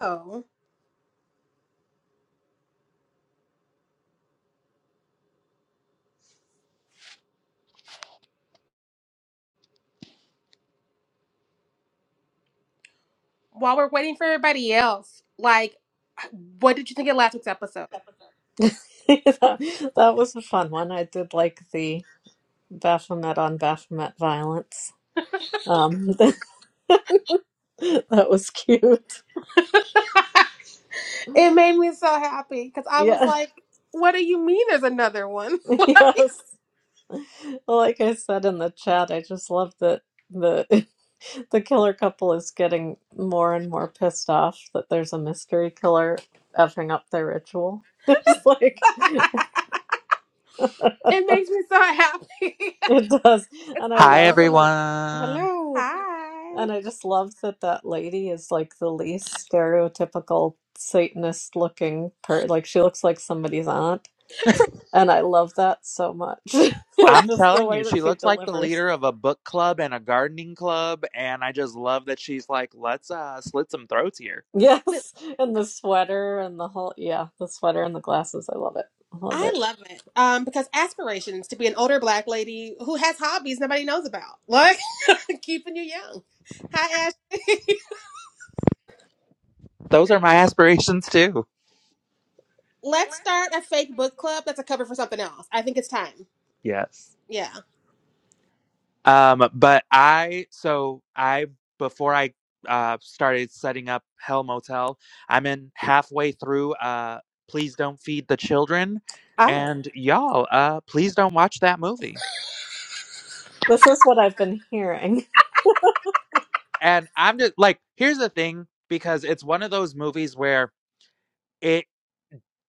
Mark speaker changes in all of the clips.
Speaker 1: Oh, while we're waiting for everybody else, like, what did you think of last week's episode?
Speaker 2: that, that was a fun one. I did like the Baphomet on Baphomet violence. Um, that that was cute.
Speaker 1: It made me so happy because I was
Speaker 2: Yeah,
Speaker 1: like, what do you mean there's another one?
Speaker 2: yes. Like I said in the chat, I just love that the the killer couple is getting more and more pissed off that there's a mystery killer effing up their ritual. It's like
Speaker 1: It makes me so happy.
Speaker 2: it does,
Speaker 1: it's
Speaker 2: and I
Speaker 1: all
Speaker 3: Hi,
Speaker 1: so
Speaker 2: love.
Speaker 1: relatable.
Speaker 3: everyone.
Speaker 2: Hello.
Speaker 1: Hi.
Speaker 2: And I just love that that lady is like the least stereotypical Satanist looking per like she looks like somebody's aunt. And I love that so much. Like
Speaker 3: I'm
Speaker 2: just the
Speaker 3: telling you,
Speaker 2: way that
Speaker 3: she
Speaker 2: she
Speaker 3: looks like the
Speaker 2: delivers.
Speaker 3: leader of a book club and a gardening club, and I just love that she's like, let's uh, slit some throats here.
Speaker 2: Yes, and the sweater and the whole yeah, the sweater and the glasses. I love it. I love
Speaker 1: I
Speaker 2: it.
Speaker 1: love it. Um, because aspirations to be an older black lady who has hobbies nobody knows about. Like keeping you young. Hi Ashley.
Speaker 3: Those are my aspirations too.
Speaker 1: Let's start a fake book club that's a cover for something else. I think it's time.
Speaker 3: Yes.
Speaker 1: Yeah.
Speaker 3: Um, but I, so I, before I uh, started setting up Hell Motel, I'm in halfway through uh, Please Don't Feed the Children.
Speaker 1: Oh.
Speaker 3: And y'all, uh, please don't watch that movie.
Speaker 2: This is what I've been hearing.
Speaker 3: And I'm just like, here's the thing, because it's one of those movies where It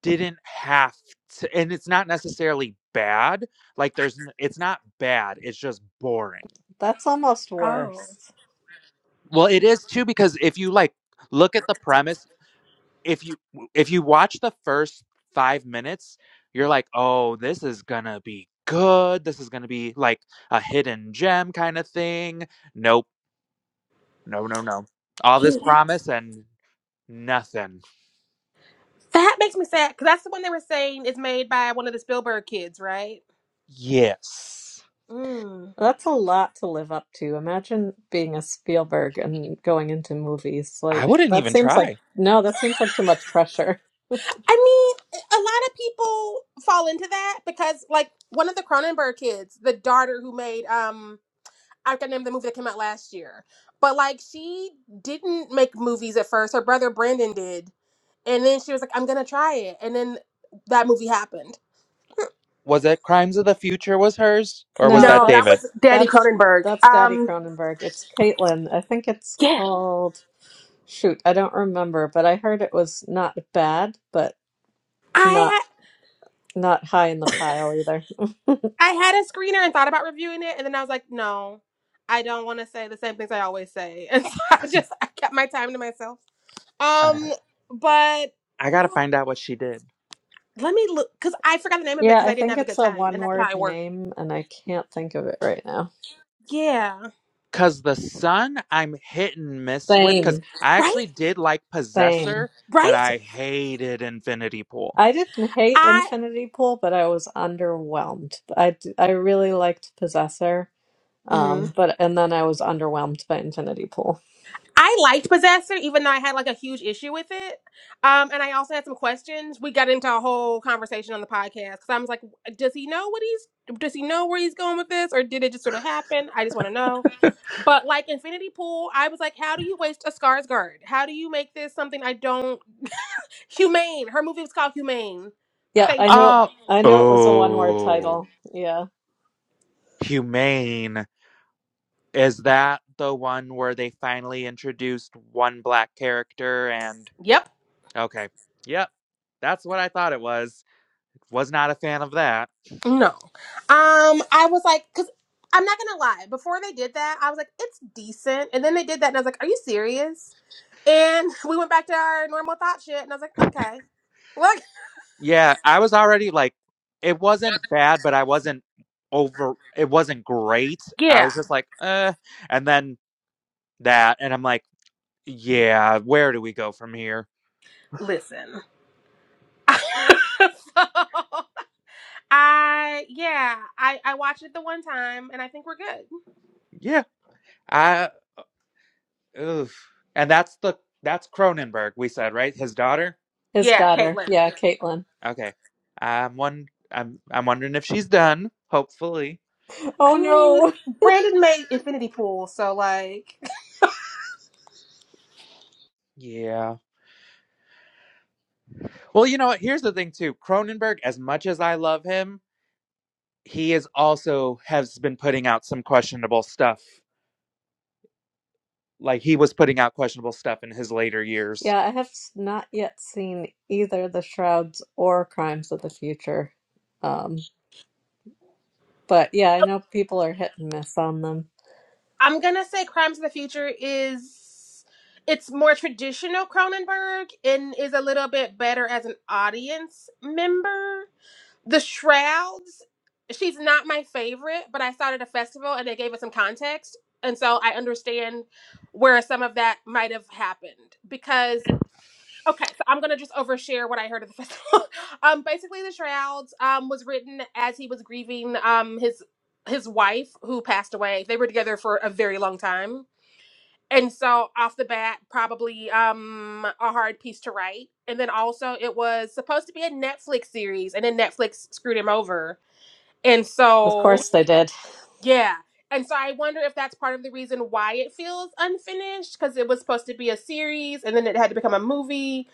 Speaker 3: didn't have to and it's not necessarily bad, like, there's n it's not bad, it's just boring.
Speaker 2: That's almost
Speaker 1: Oh.
Speaker 2: worse.
Speaker 3: Well, it is too because if you, like, look at the premise, if you if you watch the first 5 minutes, you're like, "Oh, this is gonna be good, this is gonna be, like, a hidden gem kinda thing." Nope. No, no, no. All this
Speaker 1: That
Speaker 3: promise and nothing.
Speaker 1: makes me sad because that's the one they were saying is made by one of the Spielberg kids, right?
Speaker 3: Yes.
Speaker 1: Mm.
Speaker 2: That's a lot to live up to. Imagine being a Spielberg and going into movies.
Speaker 3: I
Speaker 2: Like
Speaker 3: wouldn't
Speaker 2: that
Speaker 3: even
Speaker 2: seems like
Speaker 3: try.
Speaker 2: no, that seems like too much pressure.
Speaker 1: I mean, a lot of people fall into that because, like, one of the Cronenberg kids, the daughter who made um, I can't remember the movie that came out last year, but like, she didn't make movies at first. Her brother Brandon did, and then she was like, "I'm gonna try it," and then that movie happened.
Speaker 3: Was it Crimes of the Future was hers? Or was
Speaker 2: No,
Speaker 3: that
Speaker 1: No, that
Speaker 3: David?
Speaker 1: was
Speaker 2: that's
Speaker 1: Daddy
Speaker 2: that's
Speaker 1: Cronenberg.
Speaker 2: that's Daddy
Speaker 1: Um,
Speaker 2: Cronenberg. It's Caitlin. I think it's
Speaker 1: yeah,
Speaker 2: called shoot, I don't remember, but I heard it was not bad, but not
Speaker 1: I
Speaker 2: not high in the pile either.
Speaker 1: I had a screener and thought about reviewing it, and then I was like, no, I don't want to say the same things I always say, and so I just I kept my time to myself.
Speaker 3: Uh,
Speaker 1: Um, but
Speaker 3: I gotta find out what she did.
Speaker 1: let me look because I forgot the name of it
Speaker 2: Yeah,
Speaker 1: because
Speaker 2: I
Speaker 1: I didn't
Speaker 2: think
Speaker 1: have a
Speaker 2: it's
Speaker 1: good
Speaker 2: a
Speaker 1: time, and
Speaker 2: one
Speaker 1: that's how
Speaker 2: word
Speaker 1: I work.
Speaker 2: name and I can't think of it right now.
Speaker 1: Yeah,
Speaker 3: Cause the son I'm hit and miss with, cause
Speaker 2: Same,
Speaker 3: I
Speaker 1: right,
Speaker 3: actually did like
Speaker 2: same.
Speaker 3: Possessor, but
Speaker 1: right.
Speaker 3: I hated Infinity Pool.
Speaker 2: I didn't hate
Speaker 1: I.
Speaker 2: Infinity Pool, but I was underwhelmed. I d- I really liked Possessor,
Speaker 1: mm-hmm.
Speaker 2: um, but and then I was underwhelmed by Infinity Pool.
Speaker 1: I liked Possessor, even though I had like a huge issue with it. Um, and I also had some questions. We got into a whole conversation on the podcast because I was like, does he know what he's, does he know where he's going with this, or did it just sort of happen? I just want to know. But like Infinity Pool, I was like, how do you waste a Scar's Guard? How do you make this something I don't humane? Her movie was called Humane.
Speaker 2: Yeah,
Speaker 1: Thank
Speaker 2: I
Speaker 1: you.
Speaker 2: knew
Speaker 3: Oh,
Speaker 2: I knew it was a one word
Speaker 3: oh,
Speaker 2: title. Yeah.
Speaker 3: humane. Is that the one where they finally introduced one black character and
Speaker 1: Yep.
Speaker 3: okay. Yep. That's what I thought it was. Was not a fan of that.
Speaker 1: No. Um, I was like, because I'm not gonna lie, before they did that, I was like, it's decent. And then they did that and I was like, Are you serious? And we went back to our normal thought shit, and I was like, okay, look,
Speaker 3: Yeah, I was already like it wasn't bad, but I wasn't over it wasn't great. I
Speaker 1: yeah,
Speaker 3: was just like, "Uh," and then that and I'm like, "Yeah, where do we go from here?"
Speaker 1: listen. so I, yeah, I I watched it the one time, and I think we're good.
Speaker 3: Yeah. I oof. And that's the that's Cronenberg we said, right? His daughter?
Speaker 2: His
Speaker 1: Yeah,
Speaker 2: daughter.
Speaker 1: Caitlin.
Speaker 2: Yeah, Caitlin.
Speaker 3: Okay. I'm one I'm I'm wondering if she's done, hopefully.
Speaker 1: I
Speaker 2: Oh
Speaker 1: mean,
Speaker 2: no.
Speaker 1: Brandon made Infinity Pool, so like,
Speaker 3: Yeah. Well, you know what? Here's the thing too. Cronenberg, as much as I love him, he is also has been putting out some questionable stuff. Like he was putting out questionable stuff in his later years.
Speaker 2: Yeah, I have s- not yet seen either The Shrouds or Crimes of the Future. Um, but yeah, I know people are hit and miss on them.
Speaker 1: I'm gonna say Crimes of the Future is it's more traditional Cronenberg and is a little bit better as an audience member. The Shrouds, she's not my favorite, but I saw it at a festival and they gave it some context. And so I understand where some of that might have happened because okay, so I'm gonna just overshare what I heard at the festival. um basically the Shrouds um was written as he was grieving um his his wife who passed away. They were together for a very long time. And so off the bat, probably um a hard piece to write. And then also it was supposed to be a Netflix series and then Netflix screwed him over and
Speaker 2: Of
Speaker 1: so,
Speaker 2: course they did.
Speaker 1: yeah. And so I wonder if that's part of the reason why it feels unfinished because it was supposed to be a series and then it had to become a movie.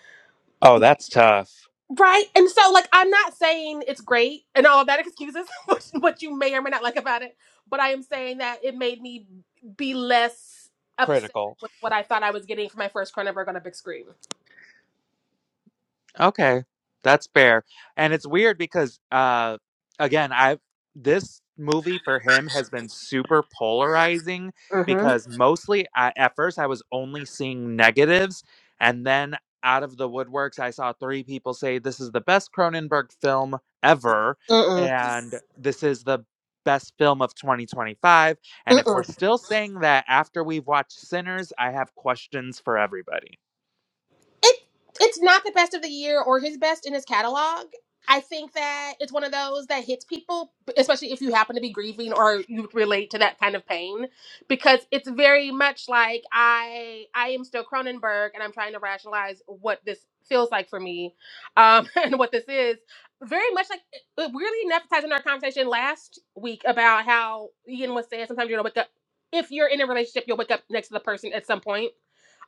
Speaker 3: Oh, that's tough.
Speaker 1: Right. And so, like, I'm not saying it's great and all of that excuses what what you may or may not like about it, but I am saying that it made me be less upset
Speaker 3: Critical.
Speaker 1: with what I thought I was getting from my first Cronenberg on a big screen.
Speaker 3: Okay, that's fair. And it's weird because uh again, I this movie for him has been super polarizing
Speaker 1: Mm hmm.
Speaker 3: because mostly I, at first I was only seeing negatives and then out of the woodworks I saw three people say this is the best Cronenberg film ever
Speaker 1: Mm
Speaker 3: and this is the best film of 2025 and
Speaker 1: mm.
Speaker 3: if we're still saying that after we've watched Sinners, I have questions for everybody.
Speaker 1: it it's not the best of the year or his best in his catalog. I think that it's one of those that hits people, especially if you happen to be grieving or you relate to that kind of pain, because it's very much like I I am still Cronenberg and I'm trying to rationalize what this feels like for me, um, and what this is. Very much like it really enough it ties into our conversation last week about how Ian was saying sometimes you're gonna wake up if you're in a relationship you'll wake up next to the person at some point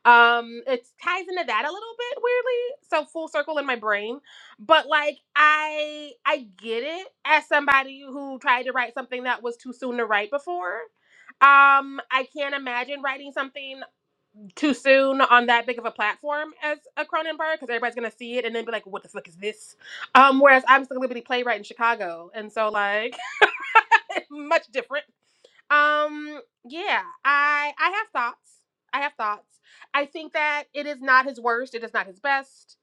Speaker 1: um it ties into that a little bit weirdly so full circle in my brain but like i i get it as somebody who tried to write something that was too soon to write before um i can't imagine writing something too soon on that big of a platform as a cronenberg because everybody's gonna see it and then be like what the fuck is this um whereas i'm still a liberty playwright in chicago and so like much different um, yeah, I I have thoughts. I have thoughts. I think that it is not his worst, it is not his best.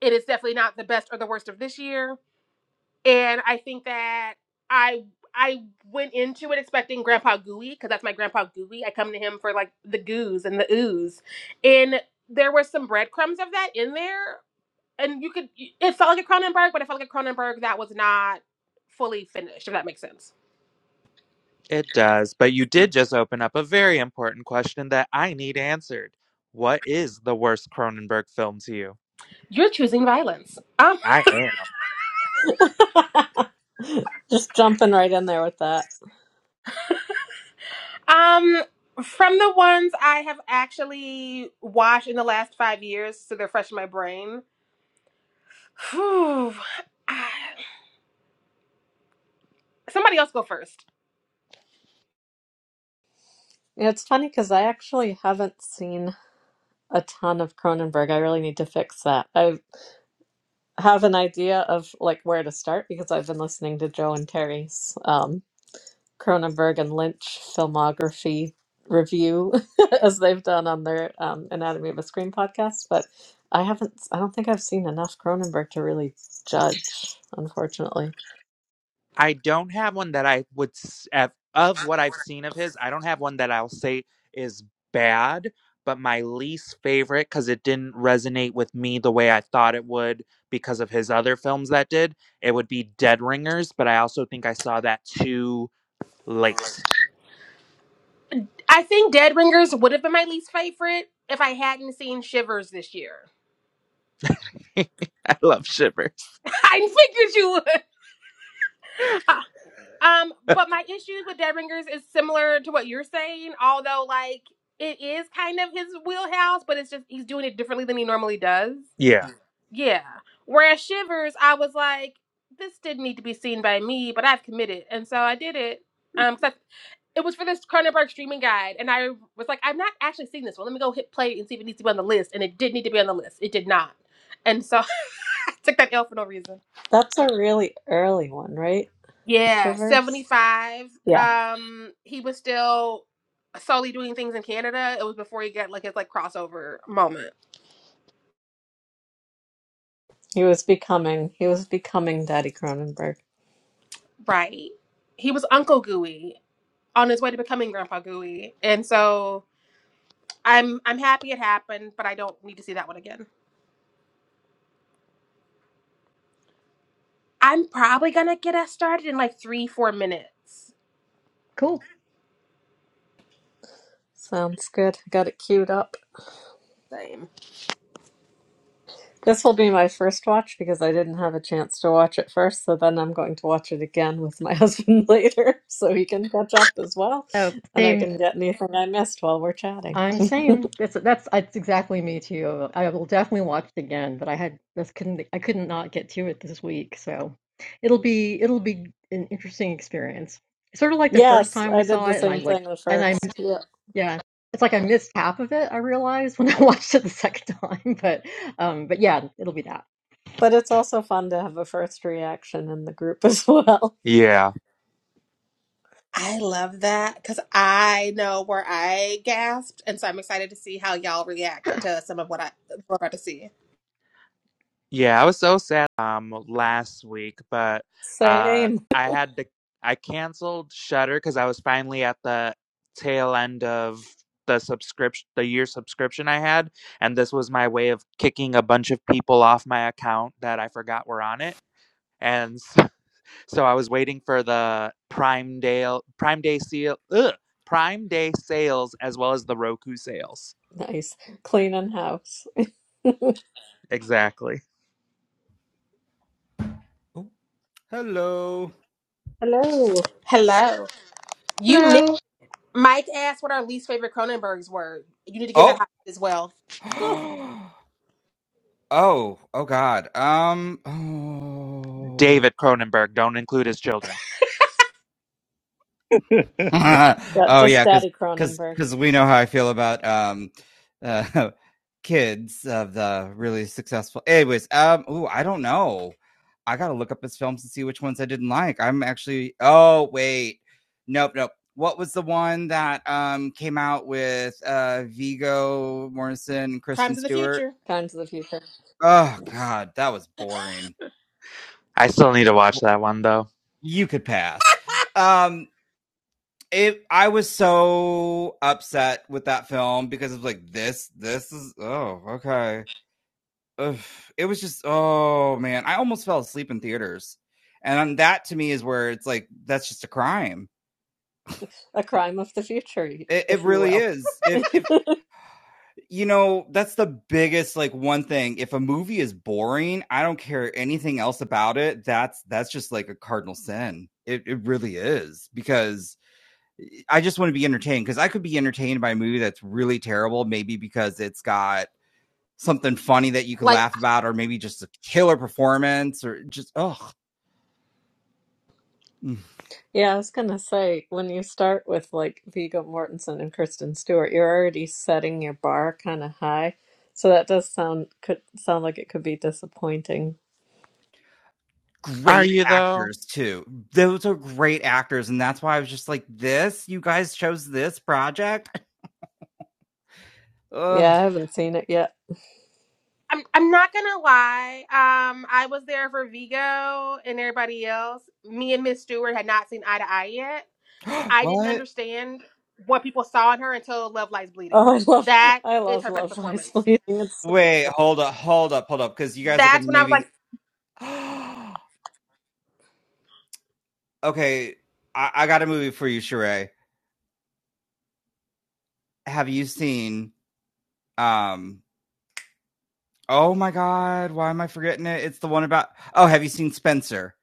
Speaker 1: It is definitely not the best or the worst of this year. And I think that I I went into it expecting Grandpa Gooey, because that's my Grandpa Gooey. I come to him for like the goos and the ooze. And there were some breadcrumbs of that in there. And you could it felt like a Cronenberg, but it felt like a Cronenberg that was not fully finished, if that makes sense.
Speaker 3: It does, but you did just open up a very important question that I need answered. What is the worst Cronenberg film to you?
Speaker 1: You're choosing violence.
Speaker 3: I am.
Speaker 2: Just jumping right in there with that.
Speaker 1: Um, from the ones I have actually watched in the last five years, so they're fresh in my brain. Whew. Ah, Somebody else go first.
Speaker 2: Yeah, it's funny because I actually haven't seen a ton of Cronenberg. I really need to fix that. I have an idea of like where to start because I've been listening to Joe and Terry's. um, Cronenberg and Lynch filmography review as they've done on their um, Anatomy of a Scream podcast, but I haven't, I don't think I've seen enough Cronenberg to really judge, unfortunately.
Speaker 3: I don't have one that I would s- of of what I've seen of his. I don't have one that I'll say is bad, but my least favorite because it didn't resonate with me the way I thought it would because of his other films that did. It would be Dead Ringers, but I also think I saw that too late.
Speaker 1: I think Dead Ringers would have been my least favorite if I hadn't seen Shivers this year.
Speaker 3: I love Shivers.
Speaker 1: I figured you would. um, but my issues with Dead Ringers is similar to what you're saying, although like it is kind of his wheelhouse, but it's just he's doing it differently than he normally does.
Speaker 3: Yeah,
Speaker 1: Yeah. Whereas Shivers, I was like, this didn't need to be seen by me, but I've committed. And so I did it. Um, 'cause I- it was for this Cronenberg streaming guide. And I was like, I've not actually seen this one. Let me go hit play and see if it needs to be on the list. And it did need to be on the list. It did not. And so I took that L for no reason.
Speaker 2: That's a really early one, right?
Speaker 1: Yeah,
Speaker 2: Shivers?
Speaker 1: 75.
Speaker 2: Yeah,
Speaker 1: Um, he was still solely doing things in Canada. It was before he got like his like crossover moment.
Speaker 2: he was becoming, he was becoming Daddy Cronenberg.
Speaker 1: Right. He was Uncle Gooey on his way to becoming Grandpa Gooey. And so I'm I'm happy it happened, but I don't need to see that one again. I'm probably gonna get us started in like three, four minutes.
Speaker 4: Cool.
Speaker 2: Sounds good. Got it queued up.
Speaker 1: Same.
Speaker 2: This will be my first watch because I didn't have a chance to watch it first. So then I'm going to watch it again with my husband later so he can catch up as well.
Speaker 4: So
Speaker 2: And I
Speaker 4: Same.
Speaker 2: can get anything I missed while we're chatting.
Speaker 4: I'm same. That's that's that's exactly me too. I will definitely watch it again, but I had this couldn't I couldn't not get to it this week, so it'll be it'll be an interesting experience. Sort of like the first
Speaker 2: Yes,
Speaker 4: time we
Speaker 2: I did
Speaker 4: saw
Speaker 2: the
Speaker 4: it, and I
Speaker 2: same
Speaker 4: like
Speaker 2: thing the
Speaker 4: and I'm
Speaker 2: first. Yeah.
Speaker 4: yeah, it's like I missed half of it. I realized when I watched it the second time, but um, but yeah, it'll be that.
Speaker 2: But it's also fun to have a first reaction in the group as well.
Speaker 3: yeah.
Speaker 1: I love that because I know where I gasped, and so I'm excited to see how y'all react to some of what I we're about to see.
Speaker 3: Yeah, I was so sad um last week, but uh
Speaker 2: Same.
Speaker 3: I had to I canceled Shutter because I was finally at the tail end of the subscription the year subscription I had, and this was my way of kicking a bunch of people off my account that I forgot were on it. And s- so I was waiting for the Prime Day Prime Day sale ugh, Prime Day sales as well as the Roku sales.
Speaker 2: Nice. Cleaning house.
Speaker 3: Exactly.
Speaker 5: Oh, Hello.
Speaker 2: Hello.
Speaker 1: Hello, you missed.
Speaker 4: Hello.
Speaker 1: Mike asked what our least favorite Cronenbergs were. You need to get in
Speaker 5: oh,
Speaker 1: that hot as well. Whew.
Speaker 5: oh, oh, God. Um, oh,
Speaker 3: David Cronenberg, don't include his children.
Speaker 2: Yeah,
Speaker 5: oh,
Speaker 2: just
Speaker 5: yeah, because
Speaker 2: Daddy
Speaker 5: because
Speaker 2: Cronenberg.
Speaker 5: because we know how I feel about um, uh, kids of the really successful. Anyways, um, ooh, I don't know. I gotta look up his films and see which ones I didn't like. I'm actually. Oh, wait, nope, nope. What was the one that um came out with uh Viggo Mortensen, and
Speaker 1: Crimes
Speaker 5: Kristen
Speaker 1: of the
Speaker 5: Stewart?
Speaker 1: future.
Speaker 2: Crimes of the Future.
Speaker 5: Oh God, that was boring.
Speaker 3: I still need to watch that one though.
Speaker 5: You could pass. Um, it I was so upset with that film because it's like this, this is oh okay. Ugh. It was just oh man, I almost fell asleep in theaters, and that to me is where it's like that's just a crime.
Speaker 2: A crime of the future,
Speaker 5: It, it
Speaker 2: if you
Speaker 5: really
Speaker 2: will.
Speaker 5: is. If if you know that's the biggest like one thing if a movie is boring i don't care anything else about it that's that's just like a cardinal sin it, it really is because i just want to be entertained because i could be entertained by a movie that's really terrible maybe because it's got something funny that you could
Speaker 1: Like
Speaker 5: laugh about or maybe just a killer performance or just oh
Speaker 2: Yeah, I was gonna say, when you start with like Viggo Mortensen and Kristen Stewart, you're already setting your bar kind of high. So that does sound could sound like it could be disappointing.
Speaker 3: Are
Speaker 5: great
Speaker 3: you though?
Speaker 5: actors too those are great actors and that's why i was just like this you guys chose this project Ugh.
Speaker 2: Yeah, I haven't seen it yet.
Speaker 1: I'm I'm not gonna lie. Um, I was there for Vigo and everybody else. Me and Miss Stewart had not seen eye to eye yet. I didn't
Speaker 5: what
Speaker 1: understand what people saw in her until Love Lies Bleeding.
Speaker 2: Oh, I love
Speaker 1: That
Speaker 2: I
Speaker 1: is
Speaker 2: love
Speaker 1: her best
Speaker 2: Love Lies
Speaker 1: performance.
Speaker 2: Bleeding. It's so
Speaker 5: Wait,
Speaker 2: good.
Speaker 5: hold up, hold up, hold up, because you guys are
Speaker 1: That's
Speaker 5: gonna
Speaker 1: when I was like,
Speaker 5: maybe. okay, I, I got a movie for you, Sheree. Have you seen? Um, oh my god, why am I forgetting it? It's the one about. Oh, have you seen Spencer?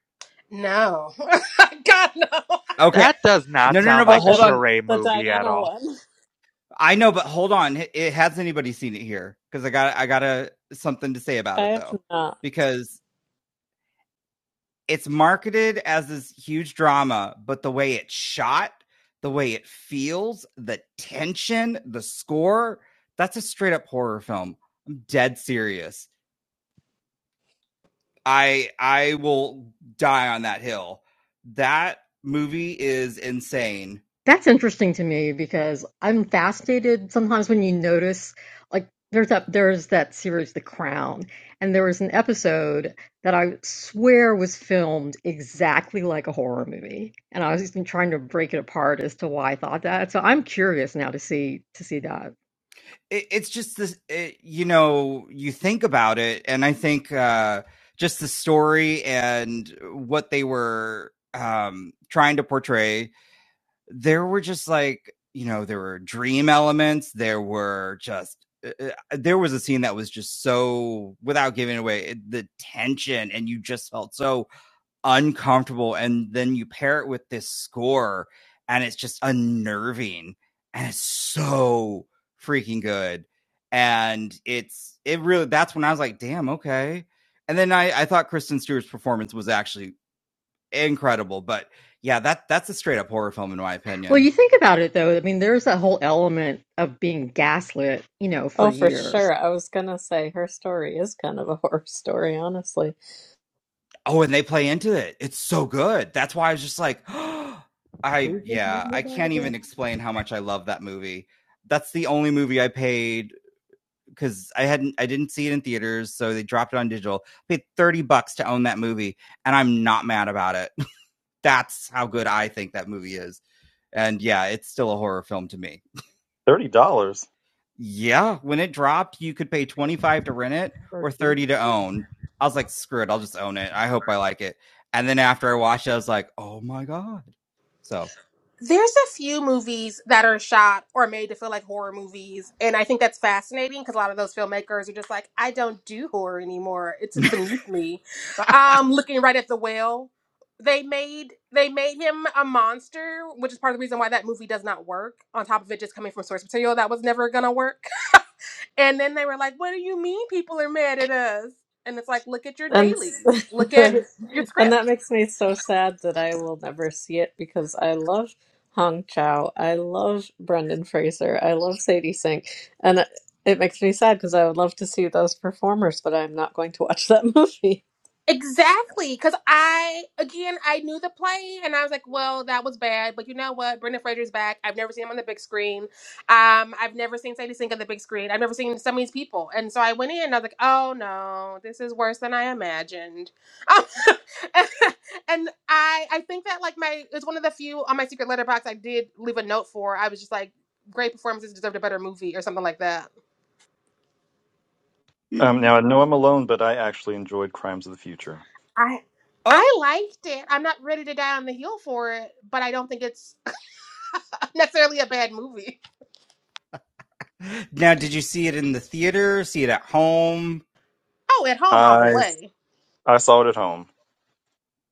Speaker 1: no, God no.
Speaker 5: Okay,
Speaker 3: That does not
Speaker 5: no, no, no,
Speaker 3: sound
Speaker 5: but
Speaker 2: Oh,
Speaker 3: like a
Speaker 5: hold
Speaker 2: the
Speaker 5: on.
Speaker 3: charade
Speaker 2: the
Speaker 3: movie at
Speaker 2: Diana
Speaker 3: all.
Speaker 2: one.
Speaker 5: I know, but hold on. H- It, has anybody seen it here? Because I got, I got a something to say about
Speaker 2: I
Speaker 5: it
Speaker 2: have
Speaker 5: though,
Speaker 2: not.
Speaker 5: because it's marketed as this huge drama, but the way it's shot, the way it feels, the tension, the score, that's a straight up horror film. I'm dead serious. I I will die on that hill. That movie is insane.
Speaker 4: That's interesting to me because I'm fascinated sometimes when you notice like there's that there's that series The Crown and there was an episode that I swear was filmed exactly like a horror movie and I was just been trying to break it apart as to why I thought that. So I'm curious now to see to see that.
Speaker 5: It, it's just this, it, you know, you think about it, and I think uh, just the story and what they were um, trying to portray there were just like you know there were dream elements there were just uh, uh, uh, there was a scene that was just so without giving away the tension and you just felt so uncomfortable and then you pair it with this score and it's just unnerving and it's so freaking good and it's it really that's when i was like damn okay and then i i thought kristen stewart's performance was actually incredible but yeah that that's a straight up horror film in my
Speaker 4: Well,
Speaker 5: opinion
Speaker 4: you think about it though. I mean, there's that whole element of being gaslit, you know, for
Speaker 2: Oh, for
Speaker 4: years.
Speaker 2: sure. I was gonna say her story is kind of a horror story, honestly.
Speaker 5: Oh, and they play into it. It's so good. That's why I was just like, oh, I
Speaker 3: Who's this more
Speaker 5: yeah, I can't even explain how much I love that movie. That's the only movie I paid because I hadn't I didn't see it in theaters, so they dropped it on digital. I paid 30 bucks to own that movie, and I'm not mad about it. That's how good I think that movie is. And yeah, it's still a horror film to me.
Speaker 6: Thirty dollars.
Speaker 5: yeah, when it dropped, you could pay 25 to rent it or
Speaker 3: busy?
Speaker 5: 30 to own. I was like, screw it, I'll just own it. I hope I like it. And then after I watched it, I was like, oh my God. So,
Speaker 1: There's a few movies that are shot or made to feel like horror movies, and I think that's fascinating because a lot of those filmmakers are just like, I don't do horror anymore. It's beneath me. Um, looking right at the whale, they made they made him a monster, which is part of the reason why that movie does not work. On top of it, just coming from source material that was never gonna work. And then they were like, "What do you mean people are mad at us?" And it's like, look at your
Speaker 2: And s-
Speaker 1: dailies, look at
Speaker 2: right.
Speaker 1: your
Speaker 2: and
Speaker 1: script.
Speaker 2: that makes me so sad that I will never see it because I love Hong Chow, I love Brendan Fraser, I love Sadie Sink, and it, it makes me sad because I would love to see those performers, but I'm not going to watch that movie.
Speaker 1: Exactly, because I again I knew the play and I was like, well, that was bad, but you know what? Brendan Fraser's back. I've never seen him on the big screen. Um, I've never seen Sadie Sink on the big screen. I've never seen some of these people, and so I went in and I was like, oh no, this is worse than I imagined. Um, and I I think that like my it's one of the few on my secret letterbox I did leave a note for. I was just like, great performances deserved a better movie or something like that.
Speaker 6: Um, now I know I'm alone, but I actually enjoyed Crimes of the Future.
Speaker 1: I
Speaker 5: oh,
Speaker 1: I liked it. I'm not ready to die on the heel for it, but I don't think it's necessarily a bad movie.
Speaker 5: now did you see it in the theater? See it at home?
Speaker 1: Oh, at home all the
Speaker 6: I
Speaker 1: way.
Speaker 6: I saw it at home.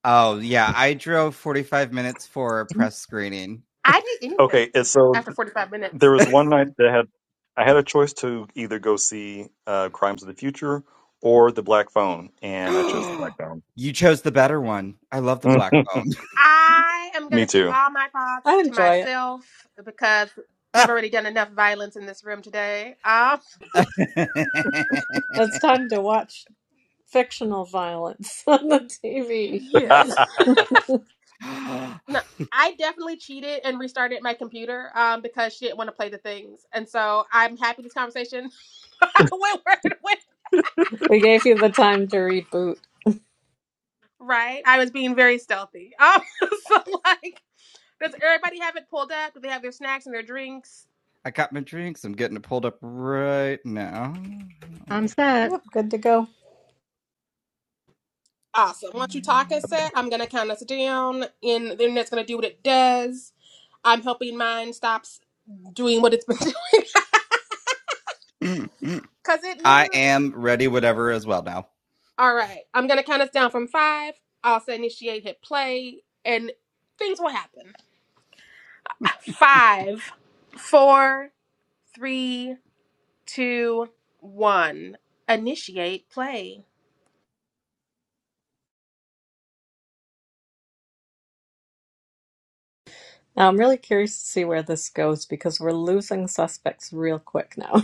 Speaker 5: Oh, yeah, I drove 45 minutes for a press screening.
Speaker 1: I did anything
Speaker 6: Okay, and so th-
Speaker 1: after 45
Speaker 6: there
Speaker 1: minutes.
Speaker 6: was one night that had I had a choice to either go see uh, Crimes of the Future or The Black Phone, and I chose The Black Phone.
Speaker 5: you chose the better one. I love the black phone.
Speaker 1: I am going
Speaker 6: Me
Speaker 1: to keep
Speaker 6: too.
Speaker 1: all my
Speaker 2: I
Speaker 1: thoughts to
Speaker 2: enjoy it.
Speaker 1: myself because we've already done enough violence in this room today. Um,
Speaker 2: It's time to watch fictional violence on the TV.
Speaker 6: I'm
Speaker 1: yes. No, I definitely cheated and restarted my computer um, because she didn't want to play the things. And so I'm happy this conversation went where it went.
Speaker 2: We gave you the time to reboot.
Speaker 1: Right. I was being very stealthy. Um, so, like, does everybody have it pulled up? Do they have their snacks and their drinks?
Speaker 5: I got my drinks. I'm getting it pulled up right now.
Speaker 4: I'm set.
Speaker 2: Yep, good to go.
Speaker 1: Awesome. Once you talk a set, I'm gonna count us down and the internet's gonna do what it does. I'm hoping mine stops doing what it's been doing.
Speaker 5: Okay.
Speaker 1: Cause it
Speaker 5: I
Speaker 1: literally
Speaker 5: am ready, whatever, as well now.
Speaker 1: All right. I'm gonna count us down from five. I'll say initiate, hit play, and things will happen. Five, four, three, two, one. Initiate play.
Speaker 2: Now, I'm really curious to see where this goes because we're losing suspects real quick now.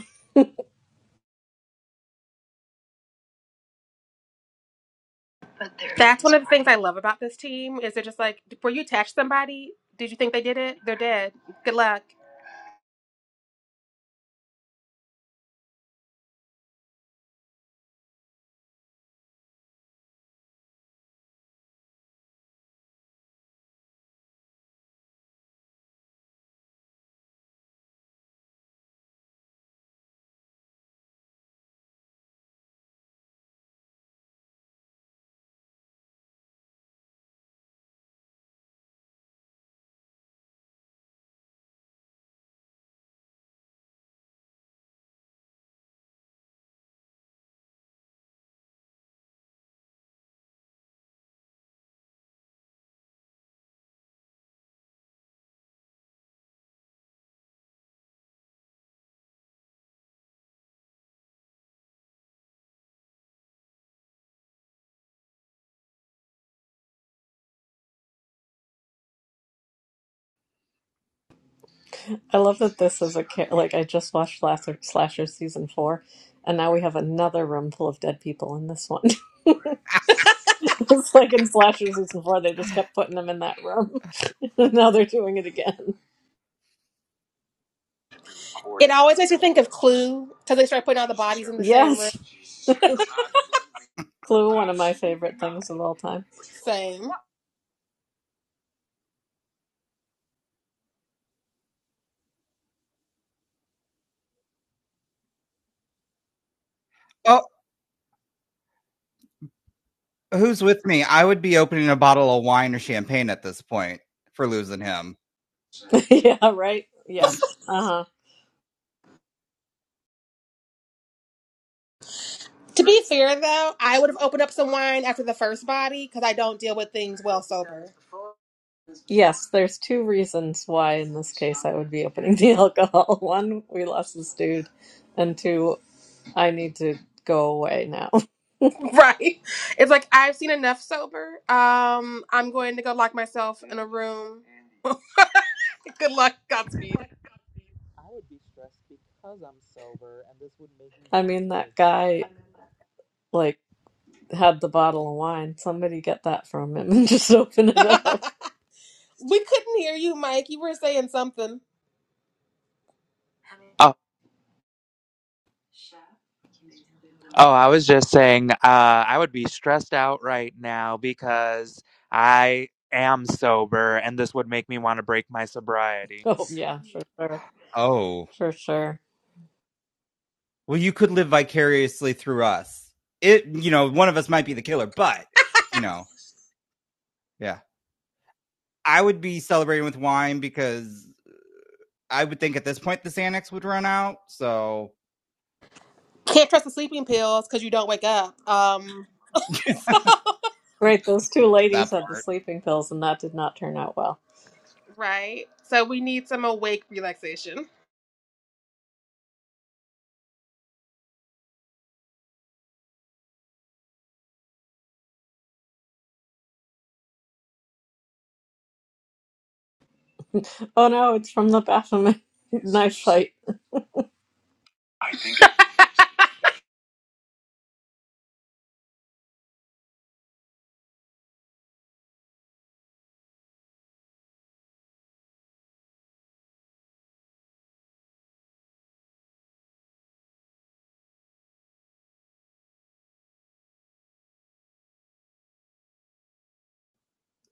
Speaker 1: That's one of the things I love about this team is they're just like, were you attached to somebody? Did you think they did it? They're dead. Good luck.
Speaker 2: I love that this is a ca- like I just watched Slasher, Slasher season four, and now we have another room full of dead people in this one. it's like in Slasher season four, they just kept putting them in that room, and now they're doing it again.
Speaker 1: It always makes me think of Clue because they start putting all the bodies in the same room.
Speaker 2: Yes, Clue, one of my favorite things of all time.
Speaker 1: Same.
Speaker 5: Oh, who's with me? I would be opening a bottle of wine or champagne at this point for losing him.
Speaker 2: yeah, right. Yeah. Uh huh.
Speaker 1: To be fair, though, I would have opened up some wine after the first body because I don't deal with things well sober.
Speaker 2: Yes, there's two reasons why in this case I would be opening the alcohol. One, we lost this dude, and two, I need to go away now.
Speaker 1: Right. It's like I've seen enough sober. Um, I'm going to go lock myself in a room. Good luck. Godspeed.
Speaker 3: I would be stressed because I'm sober, and this would make me
Speaker 2: I
Speaker 3: want
Speaker 2: mean,
Speaker 3: to
Speaker 2: that
Speaker 3: break
Speaker 2: guy.
Speaker 3: sobriety.
Speaker 2: Like had the bottle of wine. Somebody get that from him and just open it
Speaker 1: we
Speaker 2: up.
Speaker 1: couldn't hear you, Mike. You were saying something.
Speaker 3: Oh, oh, I was just saying, uh, I would be stressed out right now because I am sober and this would make me want to break my sobriety.
Speaker 2: Oh, yeah, for sure.
Speaker 5: Oh,
Speaker 2: For sure.
Speaker 5: well, you could live vicariously through us. It, you know, one of us might be the killer, but, you know, yeah. I would be celebrating with wine because I would think at this point the Xanax would run out. So
Speaker 1: Can't trust the sleeping pills because you don't wake up. Um,
Speaker 2: Right, those two ladies
Speaker 5: that
Speaker 2: had the sleeping pills, and that did not turn out well.
Speaker 1: right. So we need some awake relaxation.
Speaker 2: Oh no, it's from the Baphomet knife fight.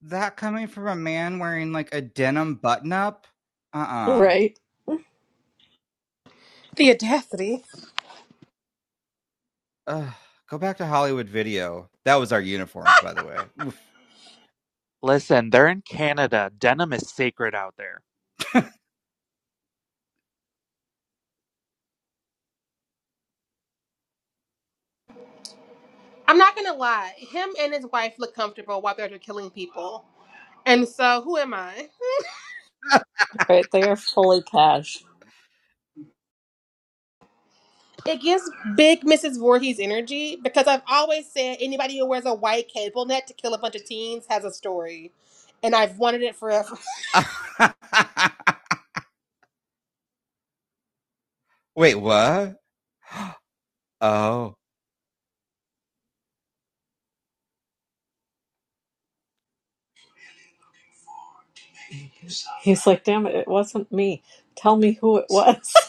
Speaker 5: that coming from a man wearing like a denim button up, uh uh
Speaker 2: Right,
Speaker 1: The audacity.
Speaker 5: Ugh. Go back to Hollywood video. That was our uniforms, by the way.
Speaker 3: Listen, they're in Canada. Denim is sacred out there.
Speaker 1: I'm not gonna lie. Him and his wife look comfortable while they're killing people. And so, who am I?
Speaker 2: right. They are fully cash.
Speaker 1: It gives big Mrs. Voorhees energy because I've always said anybody who wears a white cable net to kill a bunch of teens has a story. And I've wanted it forever.
Speaker 5: Wait, what? Oh.
Speaker 2: He's like, damn it, it wasn't me. Tell me who it was.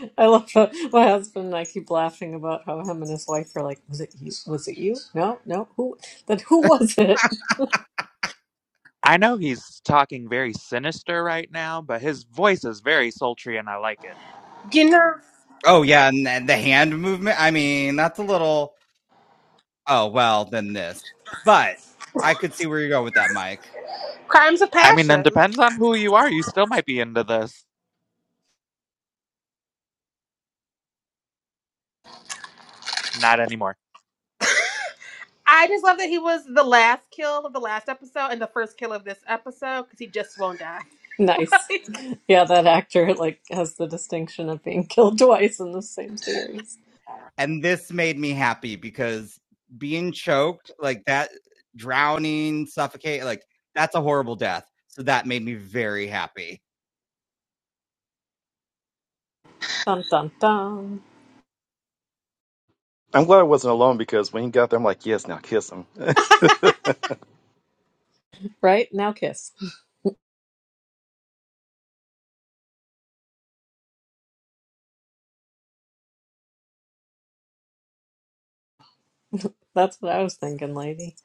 Speaker 2: I love how my husband and I keep laughing about how him and his wife are like, was it you? Was it you? No, no. Who? Then who was it?
Speaker 3: I know he's talking very sinister right now, but his voice is very sultry and I like it.
Speaker 1: You know,
Speaker 5: Oh, yeah. And then the hand movement. I mean, that's a little, oh, well, then this. But I could see where you go with that, Mike.
Speaker 1: crimes of
Speaker 3: I mean, then
Speaker 1: passion.
Speaker 3: depends on who you are. You still might be into this. Not anymore.
Speaker 1: I just love that he was the last kill of the last episode and the first kill of this episode because he just won't die.
Speaker 2: Nice. Yeah, that actor like has the distinction of being killed twice in the same series.
Speaker 5: And this made me happy because being choked like that, drowning, suffocate, like that's a horrible death. So that made me very happy.
Speaker 2: Dun dun dun.
Speaker 6: glad I wasn't alone because when he got there, I'm like, yes, now kiss him.
Speaker 2: Right? Now kiss. That's what I was thinking, lady.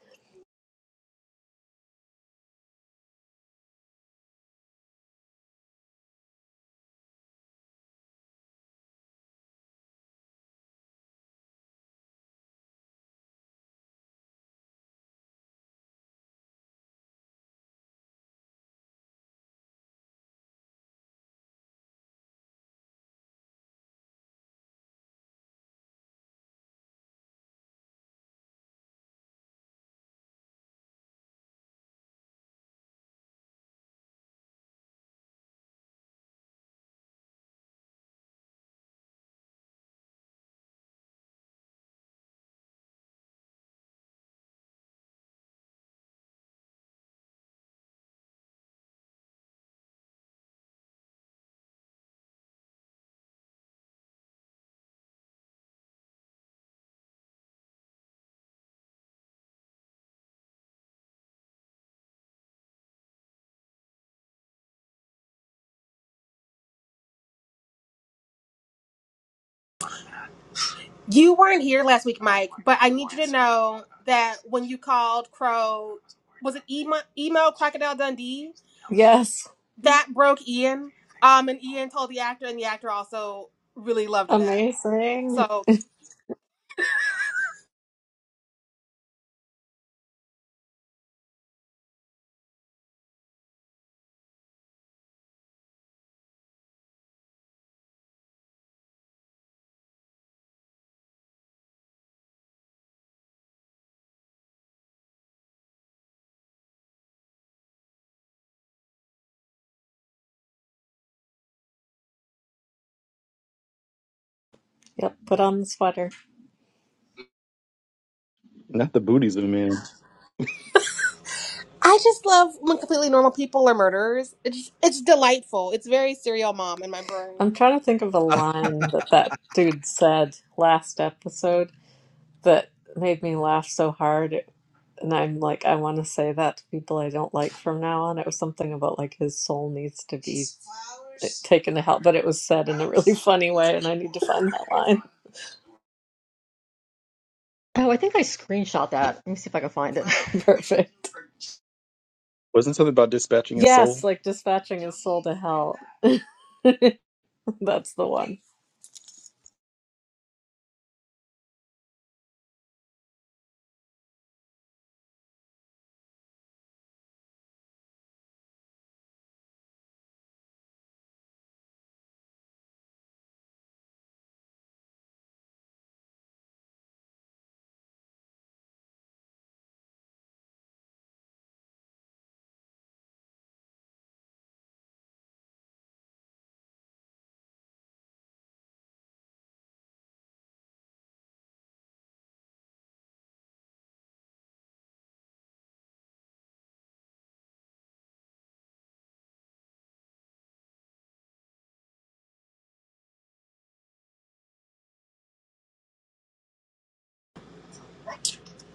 Speaker 1: You weren't here last week, Mike, but I need you to know that when you called Crow, was it emo, emo Crocodile Dundee?
Speaker 2: Yes.
Speaker 1: That broke Ian. Um, and Ian told the actor, and the actor also really loved that.
Speaker 2: Amazing.
Speaker 1: So
Speaker 2: Yep, put on the sweater.
Speaker 6: Not the booties of a man.
Speaker 1: I just love when completely normal people are murderers. It's it's delightful. It's very serial mom in my brain.
Speaker 2: I'm trying to think of a line that that dude said last episode that made me laugh so hard. and I'm like, I want to say that to people I don't like from now on. It was something about like his soul needs to be taken to hell, but it was said in a really funny way, and I need to find that line.
Speaker 4: Oh, I think I screenshot that. Let me see if I can find it.
Speaker 2: Perfect.
Speaker 6: Wasn't something about dispatching his soul?
Speaker 2: Yes, like dispatching his soul to hell. That's the one.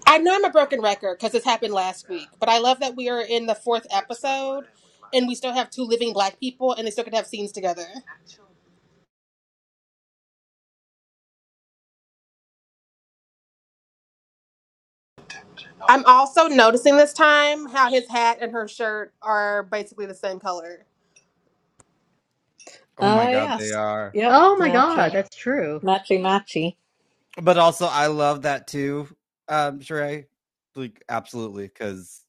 Speaker 1: I know I'm a broken record because this happened last week, but I love that we are in the fourth episode, and we still have two living black people, and they still could have scenes together. I'm also noticing this time how his hat and her shirt are basically the same color.
Speaker 5: Oh my
Speaker 2: Oh,
Speaker 5: god, they
Speaker 2: yes.
Speaker 5: are.
Speaker 2: Yep.
Speaker 4: Oh my God,
Speaker 2: Matching.
Speaker 4: that's true.
Speaker 2: Matchy, matchy.
Speaker 5: But also, I love that too, um, Sheree. Like, absolutely, because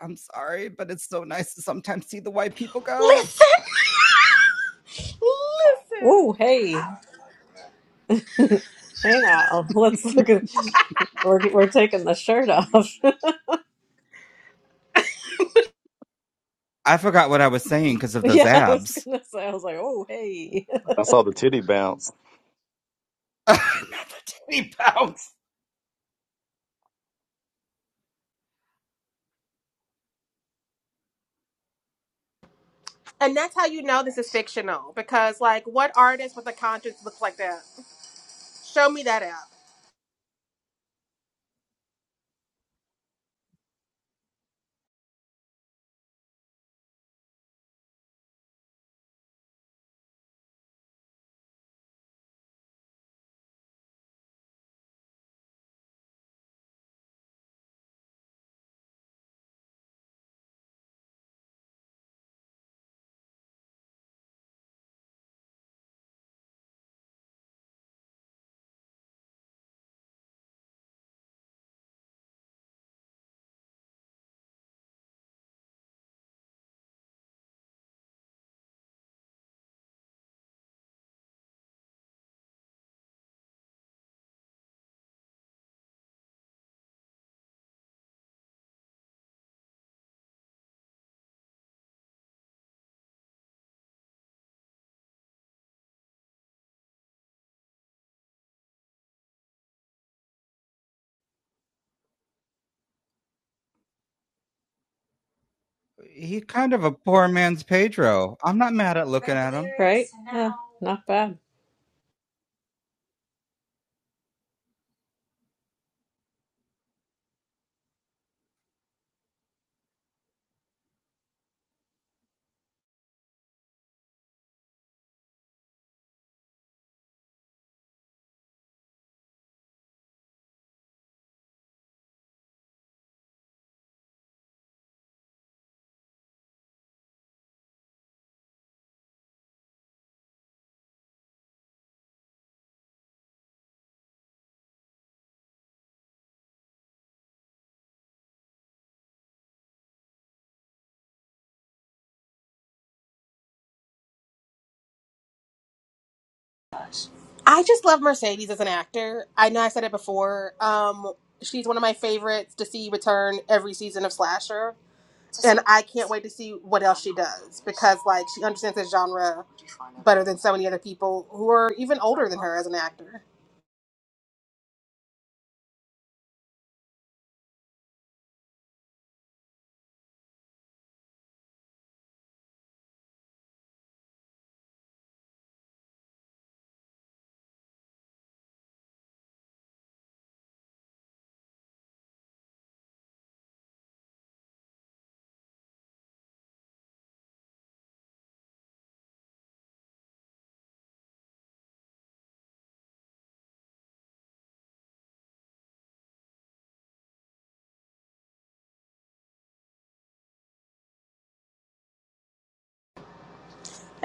Speaker 5: I'm sorry, but it's so nice to sometimes see the white people go.
Speaker 1: Listen, listen.
Speaker 2: Ooh, hey. hey now. Let's look at. We're, we're taking the shirt off.
Speaker 5: I forgot what I was saying because of those
Speaker 2: yeah, I was
Speaker 5: abs.
Speaker 2: going to say, I was like, oh, hey.
Speaker 6: I saw the titty bounce.
Speaker 5: Not the titty pounds.
Speaker 1: And that's how you know this is fictional because, like, what artist with a conscience looks like that? Show me that app.
Speaker 5: He's kind of a poor man's Pedro. I'm not mad at looking
Speaker 2: Read the
Speaker 5: at him.
Speaker 2: lyrics, Right? And now... Yeah, not bad.
Speaker 1: I just love Mercedes as an actor. I know I said it before. Um, she's one of my favorites to see return every season of Slasher, and I can't wait to see what else she does because, like, she understands this genre better than so many other people who are even older than her as an actor.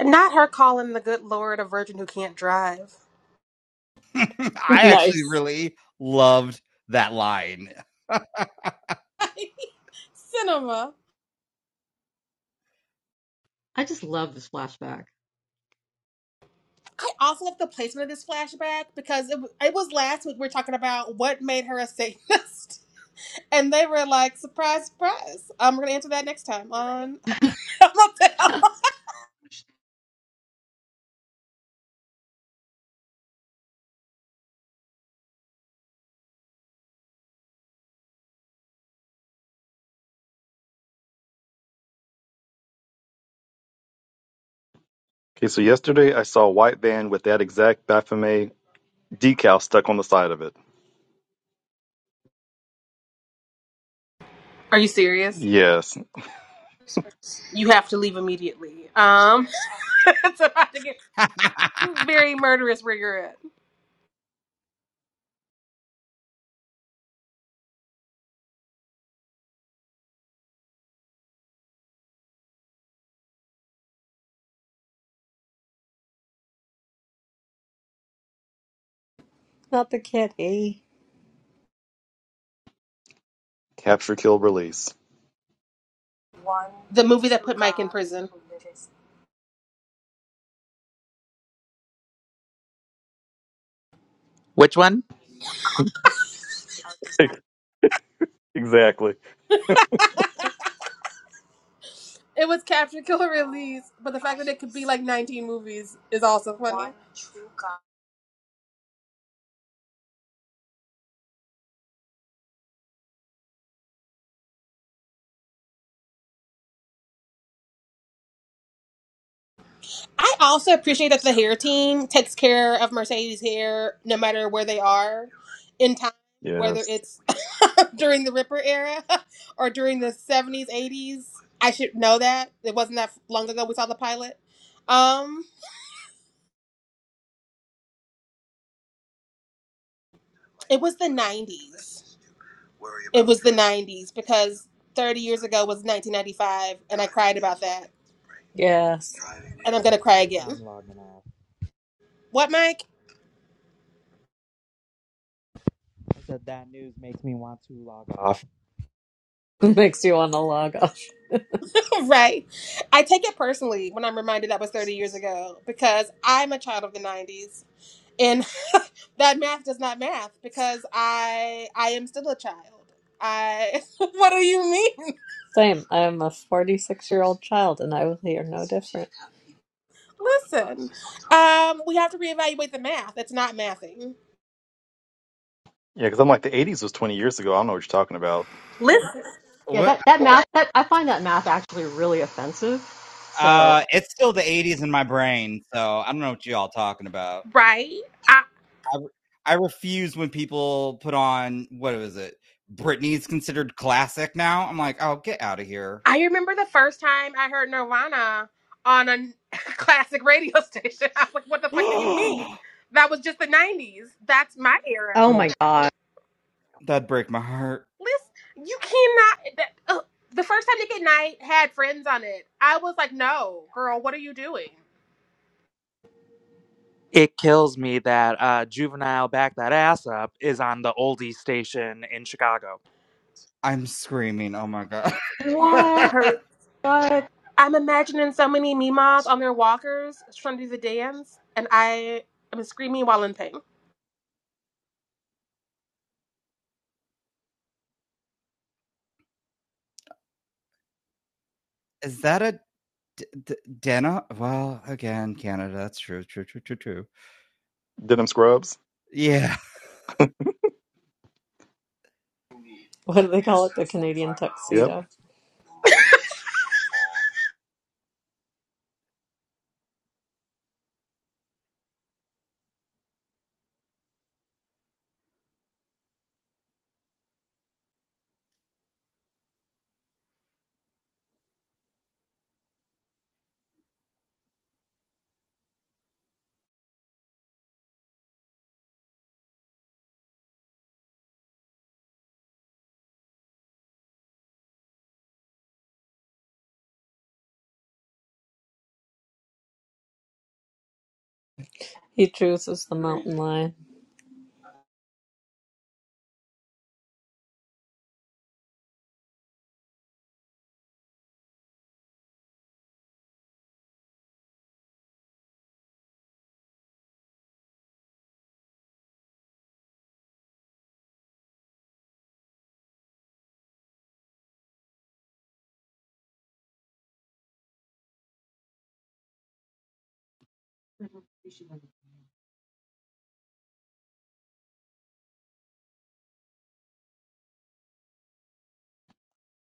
Speaker 1: Not her calling the good Lord a virgin who can't drive.
Speaker 5: I actually
Speaker 2: nice.
Speaker 5: really loved that line.
Speaker 1: Cinema.
Speaker 4: I just love this flashback.
Speaker 1: I also like the placement of this flashback because it, it was last week we were talking about what made her a Satanist. And they were like, surprise, surprise. Um, We're going to answer that next time on Help Me
Speaker 6: Okay, so yesterday I saw a white van with that exact Baphomet decal stuck on the side of it.
Speaker 1: Are you serious?
Speaker 6: Yes,
Speaker 1: You have to leave immediately. Um, it's about to get very murderous where you're at.
Speaker 2: Not the kitty.
Speaker 6: capture, kill, release.
Speaker 1: The movie that put Mike in prison.
Speaker 3: Which one?
Speaker 6: exactly.
Speaker 1: It was Capture Killer Release, but the fact that it could be like 19 movies is also funny. I also appreciate that the hair team takes care of Mercedes' hair no matter where they are in time, whether
Speaker 6: Yes.
Speaker 1: it's during the Ripper era or during the 70s, 80s. I should know that. It wasn't that long ago we saw the pilot. Um, it was the 90s. It was the 90s because 30 years ago was 1995, and I cried about that.
Speaker 2: Yes.
Speaker 1: And I'm going to cry again.
Speaker 3: I'm logging off.
Speaker 1: What, Mike?
Speaker 3: I said that news makes me want to log off.
Speaker 2: Makes you want to log off.
Speaker 1: Right. I take it personally when I'm reminded that was 30 years ago because I'm a child of the 90s and that math does not math because I I am still a child. I What do you mean?
Speaker 2: Same. I'm a 46 year old child and I will hear no different.
Speaker 1: Listen. Um we have to reevaluate the math. It's not mathing.
Speaker 6: Yeah, because I'm like the '80s was 20 years ago. I don't know what you're talking about.
Speaker 1: Listen,
Speaker 4: Yeah,
Speaker 5: What-
Speaker 4: that that math that I find that math actually really offensive. So,
Speaker 5: uh, it's still the 80s in my brain, so I don't know what you all talking about.
Speaker 1: right? I
Speaker 5: I, I refuse when people put on what was it? Britney's considered classic now. I'm like, oh, get out of here.
Speaker 1: I remember the first time I heard Nirvana on a classic radio station. I was like, "What the fuck do you mean?"
Speaker 5: that
Speaker 1: That was just the 90s. That's my era.
Speaker 4: oh my
Speaker 5: would
Speaker 4: God,
Speaker 5: that'd break my heart.
Speaker 1: Listen, you cannot. That, uh, the first time Nick at Night had friends on it, I was like, "No, girl, what are you doing?"
Speaker 3: It kills me that uh, Juvenile Back That Ass Up is on the oldie station in Chicago.
Speaker 5: I'm screaming. Oh my god.
Speaker 1: That
Speaker 4: what?
Speaker 1: hurt.
Speaker 4: What?
Speaker 1: I'm imagining so many Mimas on their walkers trying to do the dance, and I am screaming while in pain.
Speaker 5: is that a d- d- Dana? Well, again, Canada. That's true. True. True. True. True.
Speaker 6: Denim scrubs.
Speaker 5: Yeah.
Speaker 2: What do they call it? The Canadian
Speaker 6: Yep.
Speaker 2: tuxedo. He chooses the mountain lion.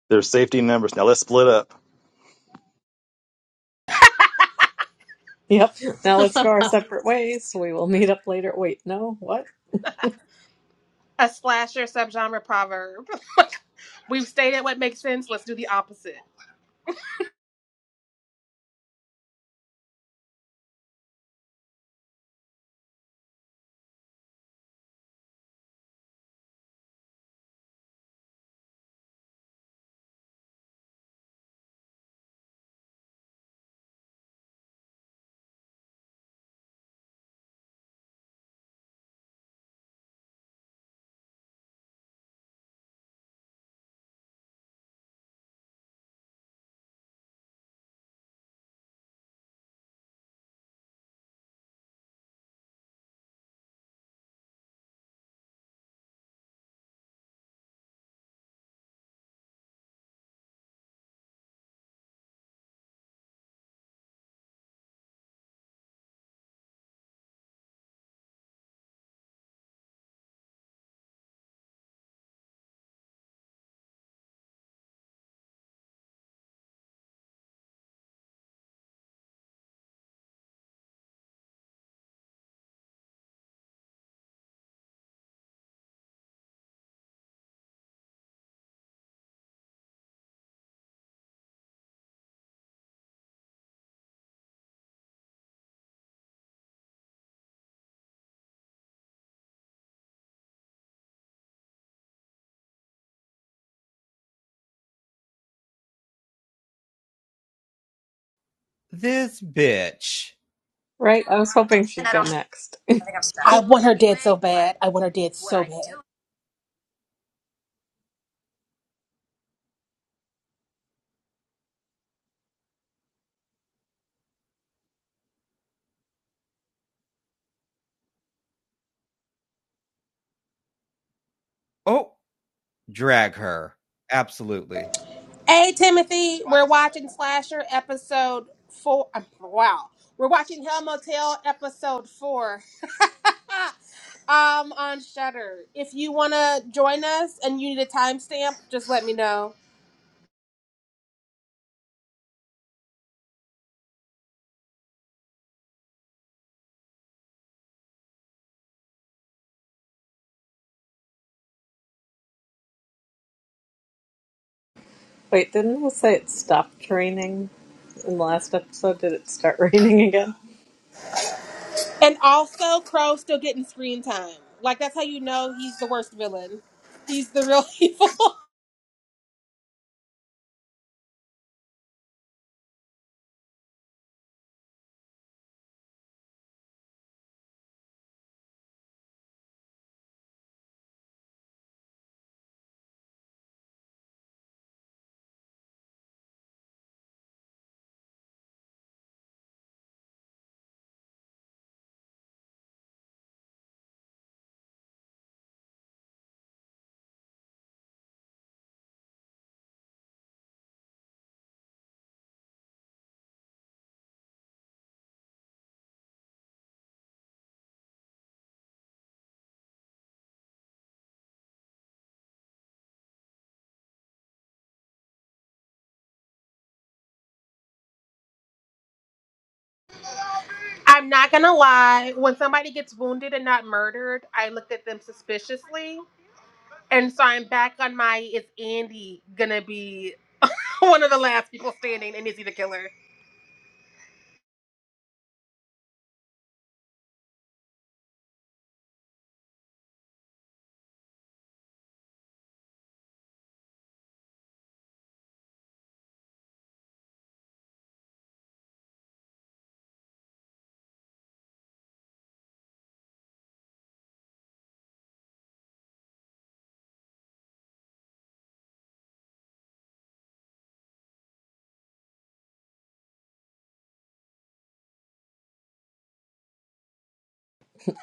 Speaker 6: they safety numbers. Now let's split up.
Speaker 2: Yep. Now let's go our separate ways. We will meet up later. Wait, no, what?
Speaker 1: A slasher subgenre proverb. We've stated what makes sense. Let's do the opposite.
Speaker 5: This bitch.
Speaker 2: Right? I was hoping she'd go next.
Speaker 1: I want her dead so bad. I want her dead so bad.
Speaker 5: Oh, drag her. Absolutely.
Speaker 1: Hey Timothy, we're watching Slasher episode four. um, Wow, we're watching Hell Motel episode four. um, on Shutter. If you want to join us and you need a timestamp, just let me know.
Speaker 2: Wait, didn't we say it stopped raining in the last episode? Did it start raining again?
Speaker 1: And also, Crow's still getting screen time. Like that's how you know he's the worst villain. He's the real evil. I'm not gonna lie. When somebody gets wounded and not murdered, I looked at them suspiciously. And so I'm back on my is Andy gonna be One of the last people standing, and Izzy the killer.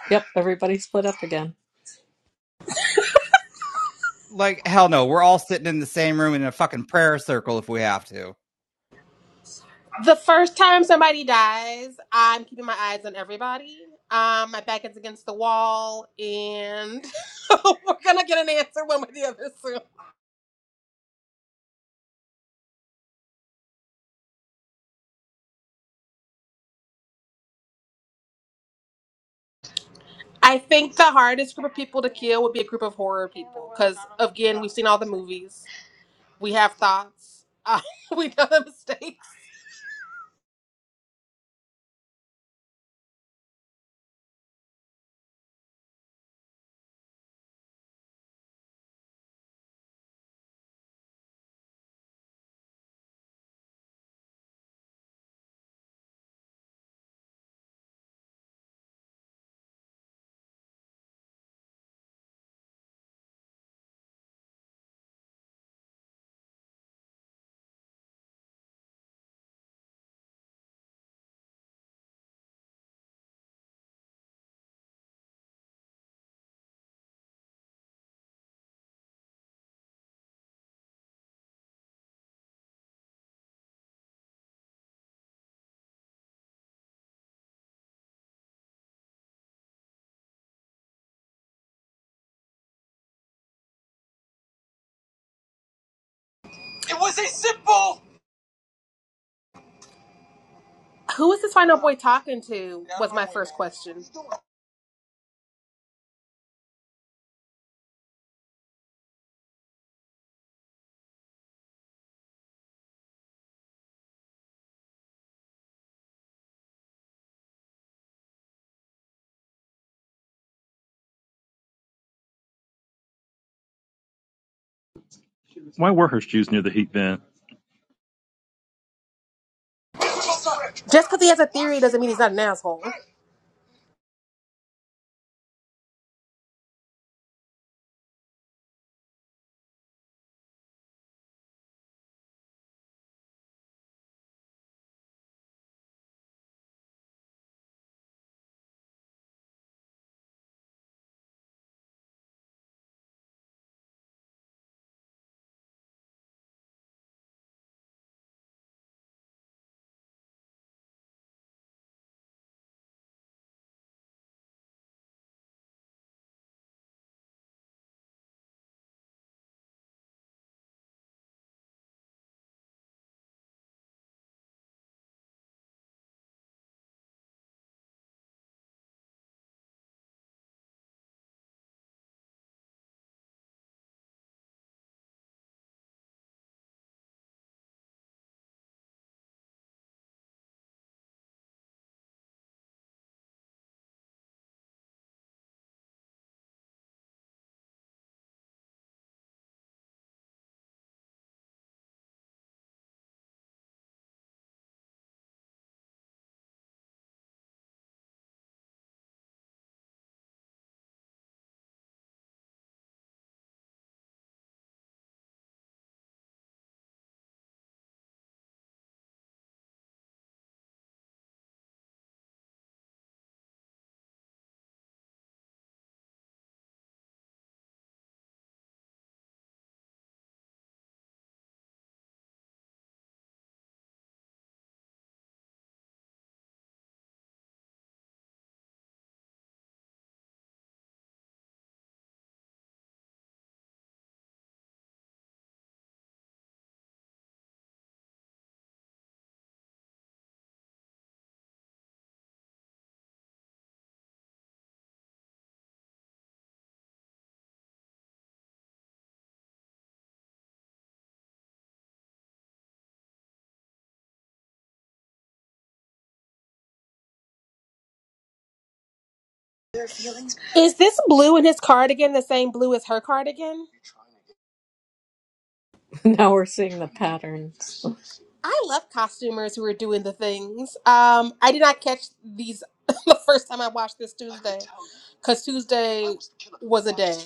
Speaker 2: Yep, everybody split up again.
Speaker 5: Like hell no. We're all sitting in the same room in a fucking prayer circle if we have to.
Speaker 1: The first time somebody dies, I'm keeping my eyes on everybody. Um, my back is against the wall, and we're gonna get an answer one way or the other soon. I think the hardest group of people to kill would be a group of horror people, because again, we've seen all the movies, we have thoughts, uh, we know the mistakes. Who is this final boy talking to? Was my first question.
Speaker 6: Why were her shoes near the heat vent?
Speaker 1: Just because he has a theory doesn't mean he's not an asshole. Is this blue in his cardigan the same blue as her cardigan?
Speaker 2: now we're seeing the patterns.
Speaker 1: I love costumers who are doing the things. Um, I did not catch these the first time I watched this Tuesday, because Tuesday was a day.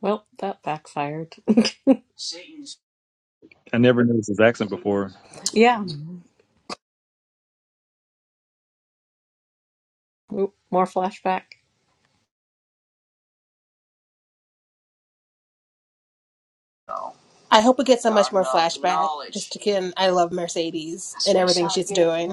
Speaker 2: Well, that backfired.
Speaker 6: I never noticed his accent before.
Speaker 2: yeah, oop, more flashback.
Speaker 1: I hope we get so much more flashback. Just again, I love Mercedes and everything she's doing.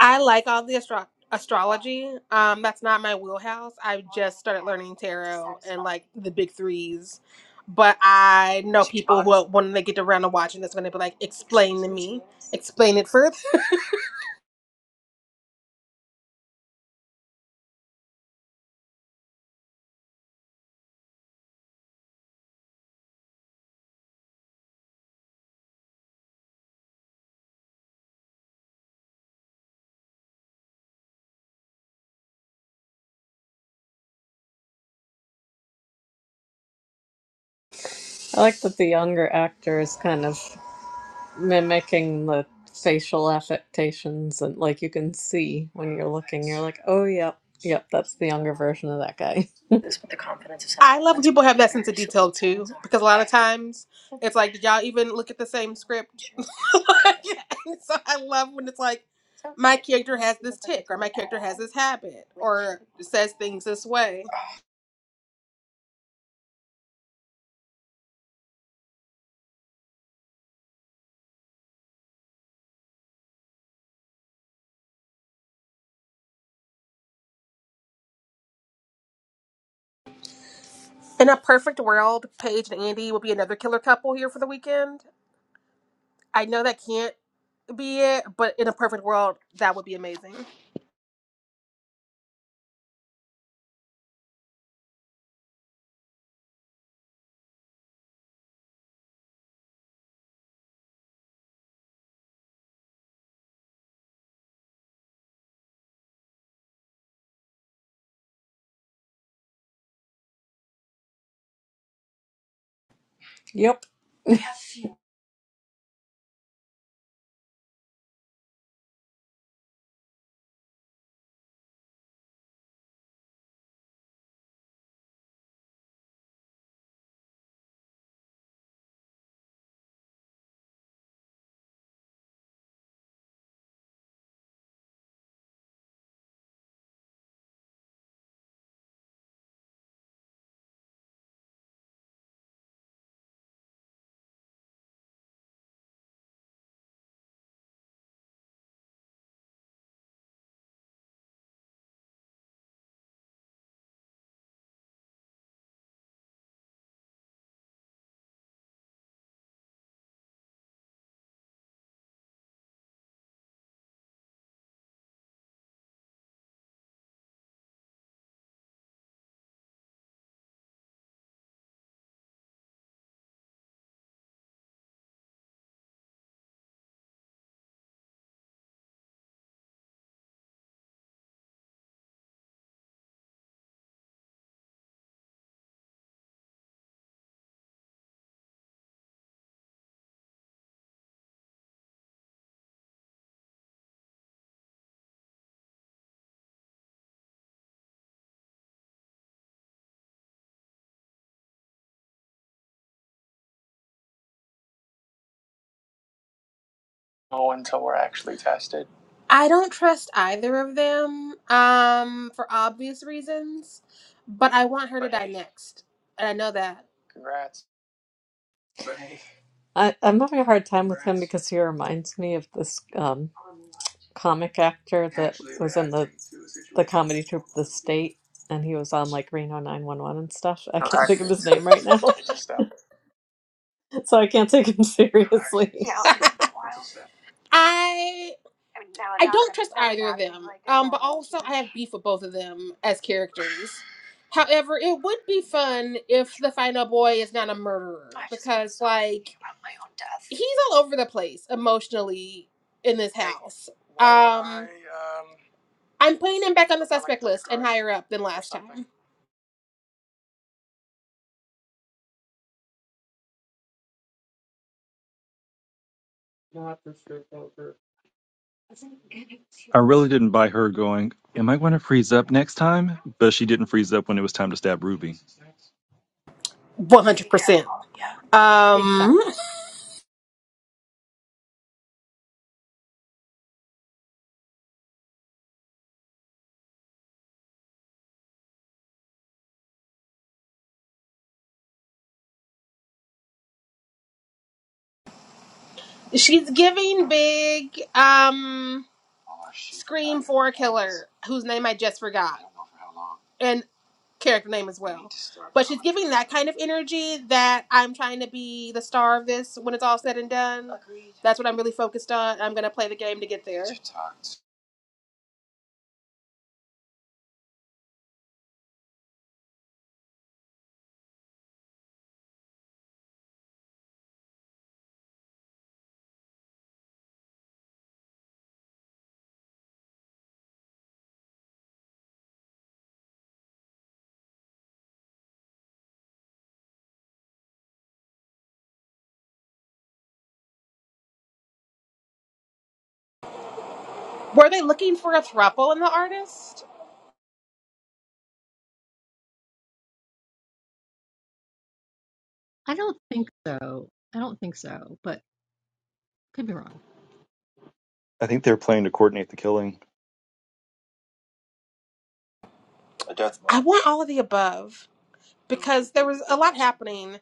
Speaker 1: I like all the astro- astrology. Um, that's not my wheelhouse. I just started learning tarot and like the big threes. But I know people who, when they get around to watching this, going to be like, explain to me, explain it further.
Speaker 2: I like that the younger actor is kind of mimicking the facial affectations, and like you can see when you're looking, you're like, oh, yep, yep, that's the younger version of that guy.
Speaker 1: I love when people have that sense of detail too, because a lot of times it's like, did y'all even look at the same script? And so I love when it's like, my character has this tick, or my character has this habit, or says things this way. In a perfect world, Paige and Andy would be another killer couple here for the weekend. I know that can't be it, but in a perfect world, that would be amazing.
Speaker 2: Yep.
Speaker 1: I don't trust either of them um, for obvious reasons, but I want her to die next. And I know that.
Speaker 2: I, I'm having a hard time with him because he reminds me of this um, comic actor that was in the the comedy troupe The State, and he was on like Reno 911 and stuff. I can't think of his name right now. so I can't take him seriously.
Speaker 1: Yeah, I'll do it for a while. I I don't trust either of them. Um, but also I have beef with both of them as characters. However, it would be fun if the final boy is not a murderer because, like, he's all over the place emotionally in this house. Um, I'm putting him back on the suspect list and higher up than last time.
Speaker 6: I really didn't buy her going. Am I going to freeze up next time? But she didn't freeze up when it was time to stab Ruby.
Speaker 1: One hundred percent.
Speaker 4: exactly.
Speaker 1: Um, she's giving big um scream for a killer whose name I just forgot and character name as well. But she's giving that kind of energy that I'm trying to be the star of this when it's all said and done. That's what I'm really focused on. I'm gonna play the game to get there. Were they looking for a throuple in the artist?
Speaker 4: I don't think so. I don't think so, but could be wrong.
Speaker 6: I think they were planning to coordinate the killing.
Speaker 1: I want all of the above. because there was a lot happening.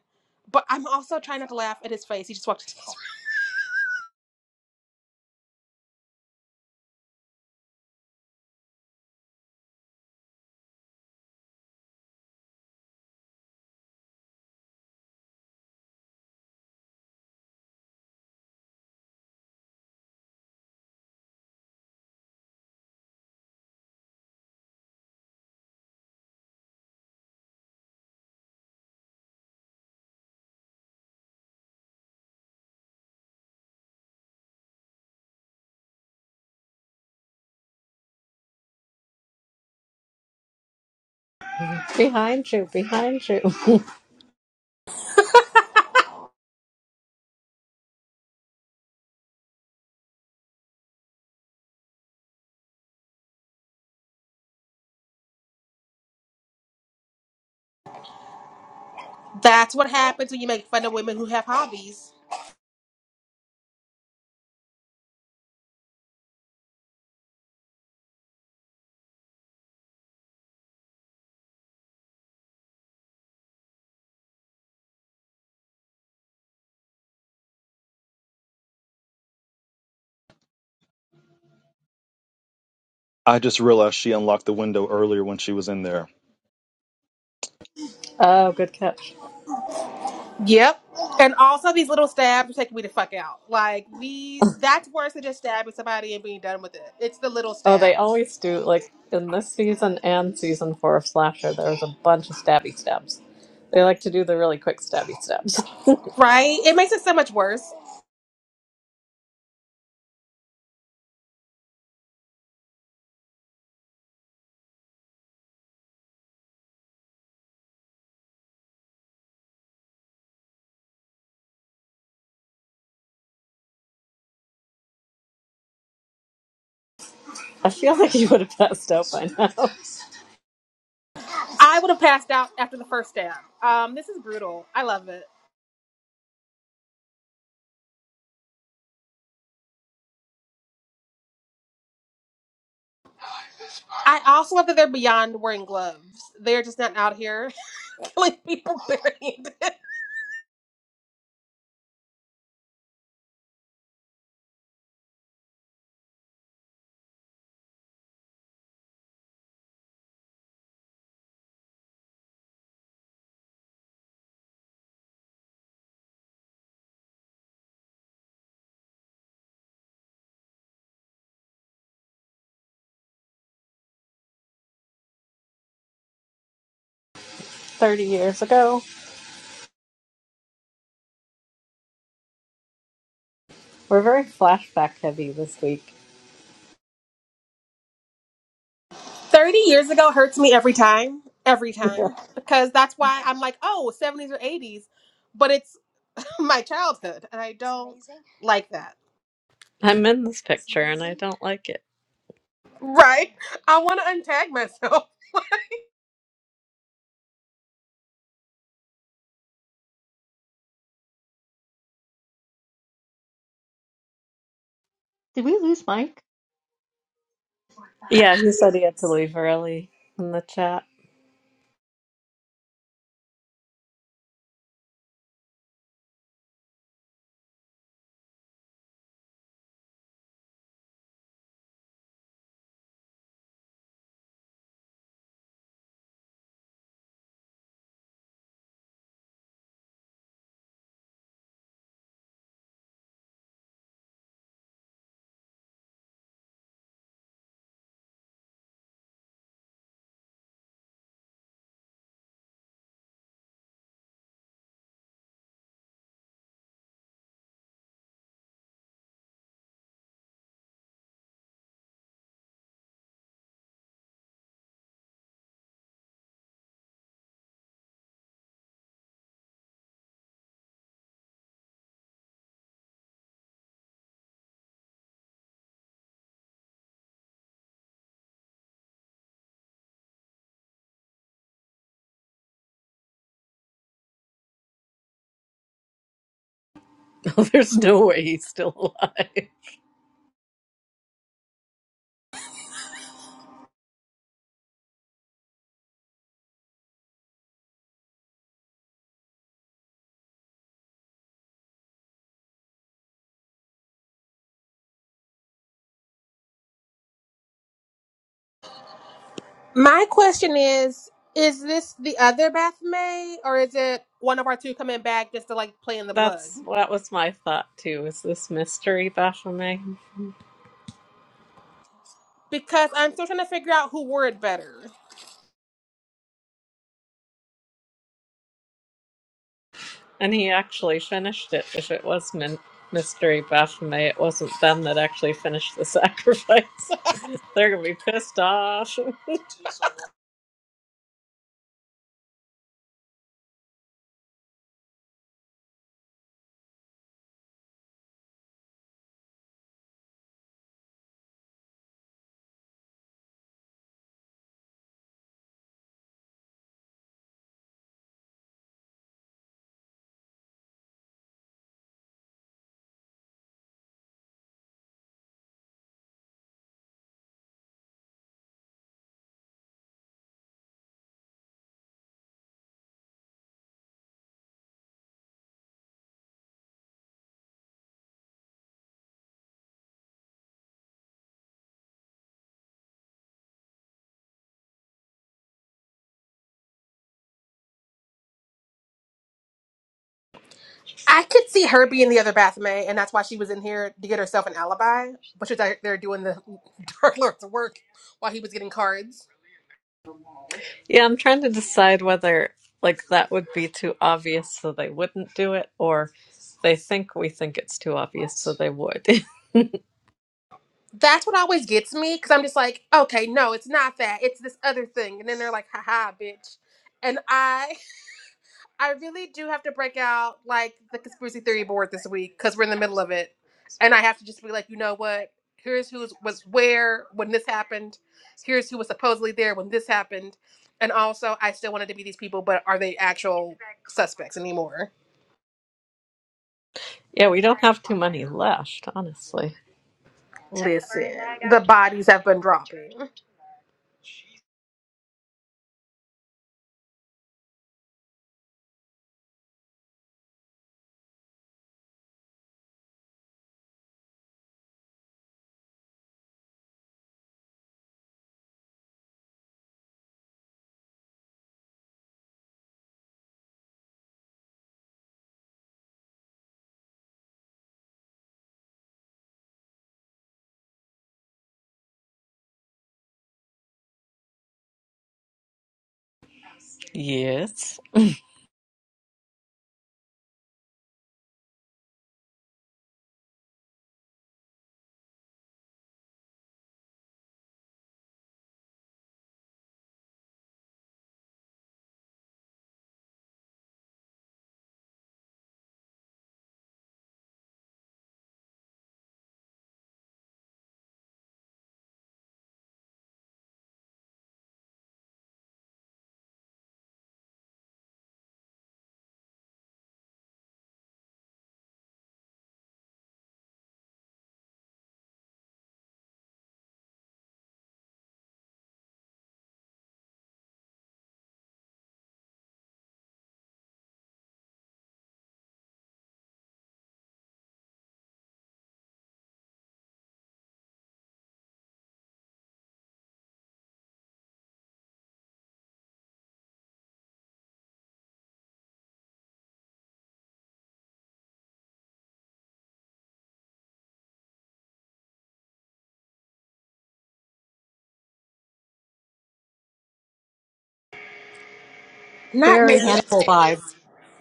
Speaker 1: But I'm also trying not to laugh at his face. He just walked into his room.
Speaker 2: behind you, behind you.
Speaker 1: That's what happens when you make fun of women who have hobbies.
Speaker 6: I just realized she unlocked the window earlier when she was in there.
Speaker 2: oh, good catch.
Speaker 1: Yep. And also these little stabs are taking me the fuck out. Like the that's worse than just stabbing somebody and being done with it. It's the little
Speaker 2: Oh, they
Speaker 1: stabs.
Speaker 2: always do. Like in this season and season four of Slasher, there's a bunch of stabby stabs. They like to do the really quick stabby stabs.
Speaker 1: Right? It makes it so much worse.
Speaker 2: I feel like you would have passed out by now.
Speaker 1: I would have passed out after the first stab. Um, this is brutal. I love it. I also love that they're beyond wearing gloves. They're just not out here killing people. wearing
Speaker 2: 30 years ago. We're very flashback heavy this week.
Speaker 1: 30 years ago hurts me every time, every time, because that's why I'm like, oh, 70s or 80s, but it's my childhood, and I don't Amazing. like that.
Speaker 2: I'm in this picture and I don't like it.
Speaker 1: Right? I want to untag myself.
Speaker 4: Did we lose Mike?
Speaker 2: Yeah, he said he had to leave early in the chat. Oh, There's no way he's still alive.
Speaker 1: My question is Is this the other Beth May, or is it one of our two coming back just to like play in the blood?
Speaker 2: That's that was my thought too. Is this mystery Baphomet?
Speaker 1: Because I'm still trying to figure out who wore it better.
Speaker 2: And he actually finished it. If it was min- mystery Baphomet, it wasn't them that actually finished the sacrifice. They're gonna be pissed off.
Speaker 1: I could see her being the other Beth May, and that's why she was in here to get herself an alibi, but she's out there doing the Dark Lord's work while he was getting cards.
Speaker 2: Yeah, I'm trying to decide whether like that would be too obvious, so they wouldn't do it, or they think we think it's too obvious, so they would.
Speaker 1: That's what always gets me because I'm just like, okay, no, it's not that. It's this other thing. And then they're like, haha, bitch. And I I really do have to break out like the conspiracy theory board this week because we're in the middle of it, and I have to just be like, you know what? Here's who was where when this happened. Here's who was supposedly there when this happened, and also I still wanted to be these people, but are they actual suspects anymore?
Speaker 2: Yeah, we don't have too many left, honestly.
Speaker 1: Listen, the bodies have been dropping,
Speaker 2: Yes.
Speaker 1: Not
Speaker 4: Very
Speaker 1: making
Speaker 4: Hannibal vibe.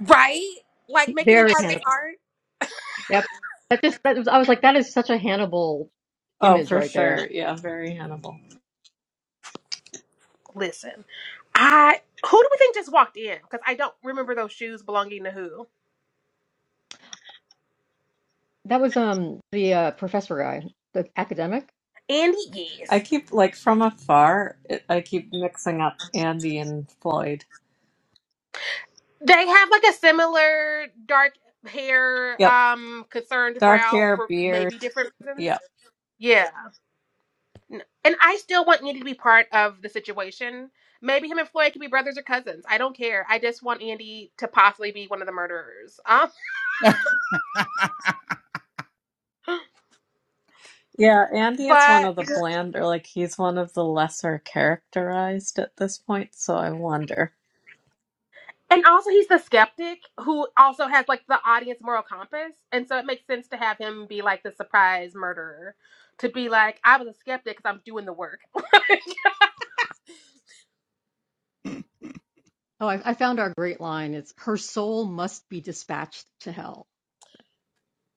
Speaker 1: right? Like making it
Speaker 4: Very
Speaker 1: part of
Speaker 4: Hannibal.
Speaker 1: his art.
Speaker 4: Yep. That just that was I was like that is such a Hannibal
Speaker 2: Oh,
Speaker 4: image
Speaker 2: for
Speaker 4: right there.
Speaker 2: sure. Yeah, very Hannibal.
Speaker 1: Listen, I who do we think just walked in? Because I don't remember those shoes belonging to who.
Speaker 4: That was um the uh, professor guy, the academic.
Speaker 1: Andy,
Speaker 2: I
Speaker 1: yes.
Speaker 2: keep, like, from afar, it, I keep mixing up Andy and Floyd.
Speaker 1: They have like a similar dark hair
Speaker 2: Yep.
Speaker 1: um concerned
Speaker 2: Dark
Speaker 1: brow
Speaker 2: hair,
Speaker 1: for
Speaker 2: beard.
Speaker 1: maybe different reasons.
Speaker 2: Yep.
Speaker 1: Yeah. N- And I still want Andy to be part of the situation. Maybe him and Floyd could be brothers or cousins. I don't care. I just want Andy to possibly be one of the murderers. Um,
Speaker 2: Yeah, Andy is one
Speaker 1: but
Speaker 2: of the blander, like, he's one of the lesser characterized at this point, so I wonder.
Speaker 1: and also he's the skeptic who also has like the audience moral compass, and so it makes sense to have him be like the surprise murderer, to be like I was a skeptic because I'm doing the work.
Speaker 4: Oh, I, I found our great line. It's her soul must be dispatched to hell.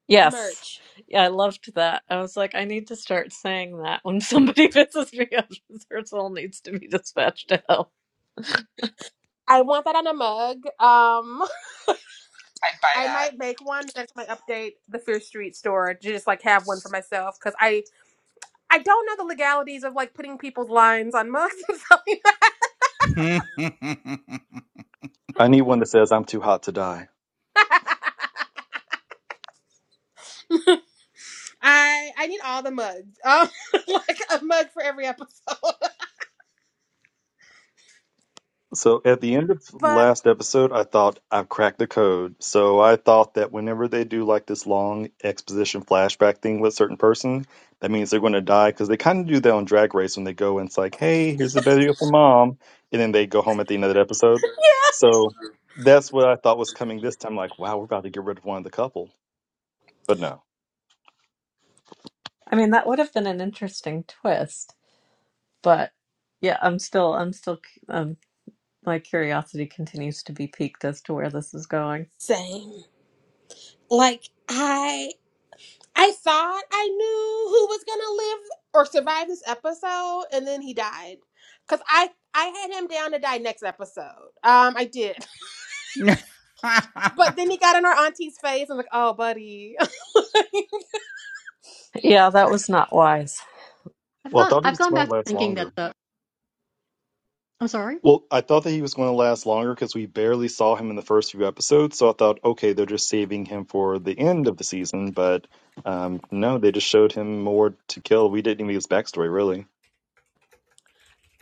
Speaker 2: Yes.
Speaker 1: Merch.
Speaker 2: Yeah, I loved that. I was like, I need to start saying that when somebody pisses me off. This all needs to be dispatched to hell.
Speaker 1: I want that on a mug. Um,
Speaker 7: I'd buy
Speaker 1: I
Speaker 7: that.
Speaker 1: might make one next time I update the Fear Street store to just like have one for myself because I I don't know the legalities of like putting people's lines on mugs. So
Speaker 6: I need one that says I'm too hot to die.
Speaker 1: I I need all the mugs. Um, like a mug for every episode.
Speaker 6: So at the end of
Speaker 1: But
Speaker 6: last episode, I thought I've cracked the code. So I thought that whenever they do like this long exposition flashback thing with a certain person, that means they're going to die because they kind of do that on Drag Race when they go and it's like, hey, here's a video for mom. And then they go home at the end of that episode. So that's what I thought was coming this time. Like, wow, we're about to get rid of one of the couple. But no.
Speaker 2: I mean, that would have been an interesting twist, but yeah, I'm still, I'm still, um, my curiosity continues to be piqued as to where this is going.
Speaker 1: same. Like I I thought I knew who was gonna live or survive this episode, and then he died. Cause I I had him down to die next episode. Um, I did. But then he got in our auntie's face. I'm like, oh, buddy.
Speaker 2: Yeah, that was not wise.
Speaker 4: I've
Speaker 6: Well, I
Speaker 4: gone.
Speaker 6: thought he
Speaker 4: I've
Speaker 6: was
Speaker 4: gone
Speaker 6: going
Speaker 4: back
Speaker 6: to
Speaker 4: to
Speaker 6: last
Speaker 4: thinking
Speaker 6: longer.
Speaker 4: that the. I'm sorry.
Speaker 6: Well, I thought that he was going to last longer because we barely saw him in the first few episodes. So I thought, okay, they're just saving him for the end of the season. But um, no, they just showed him more to kill. We didn't even get his backstory, really.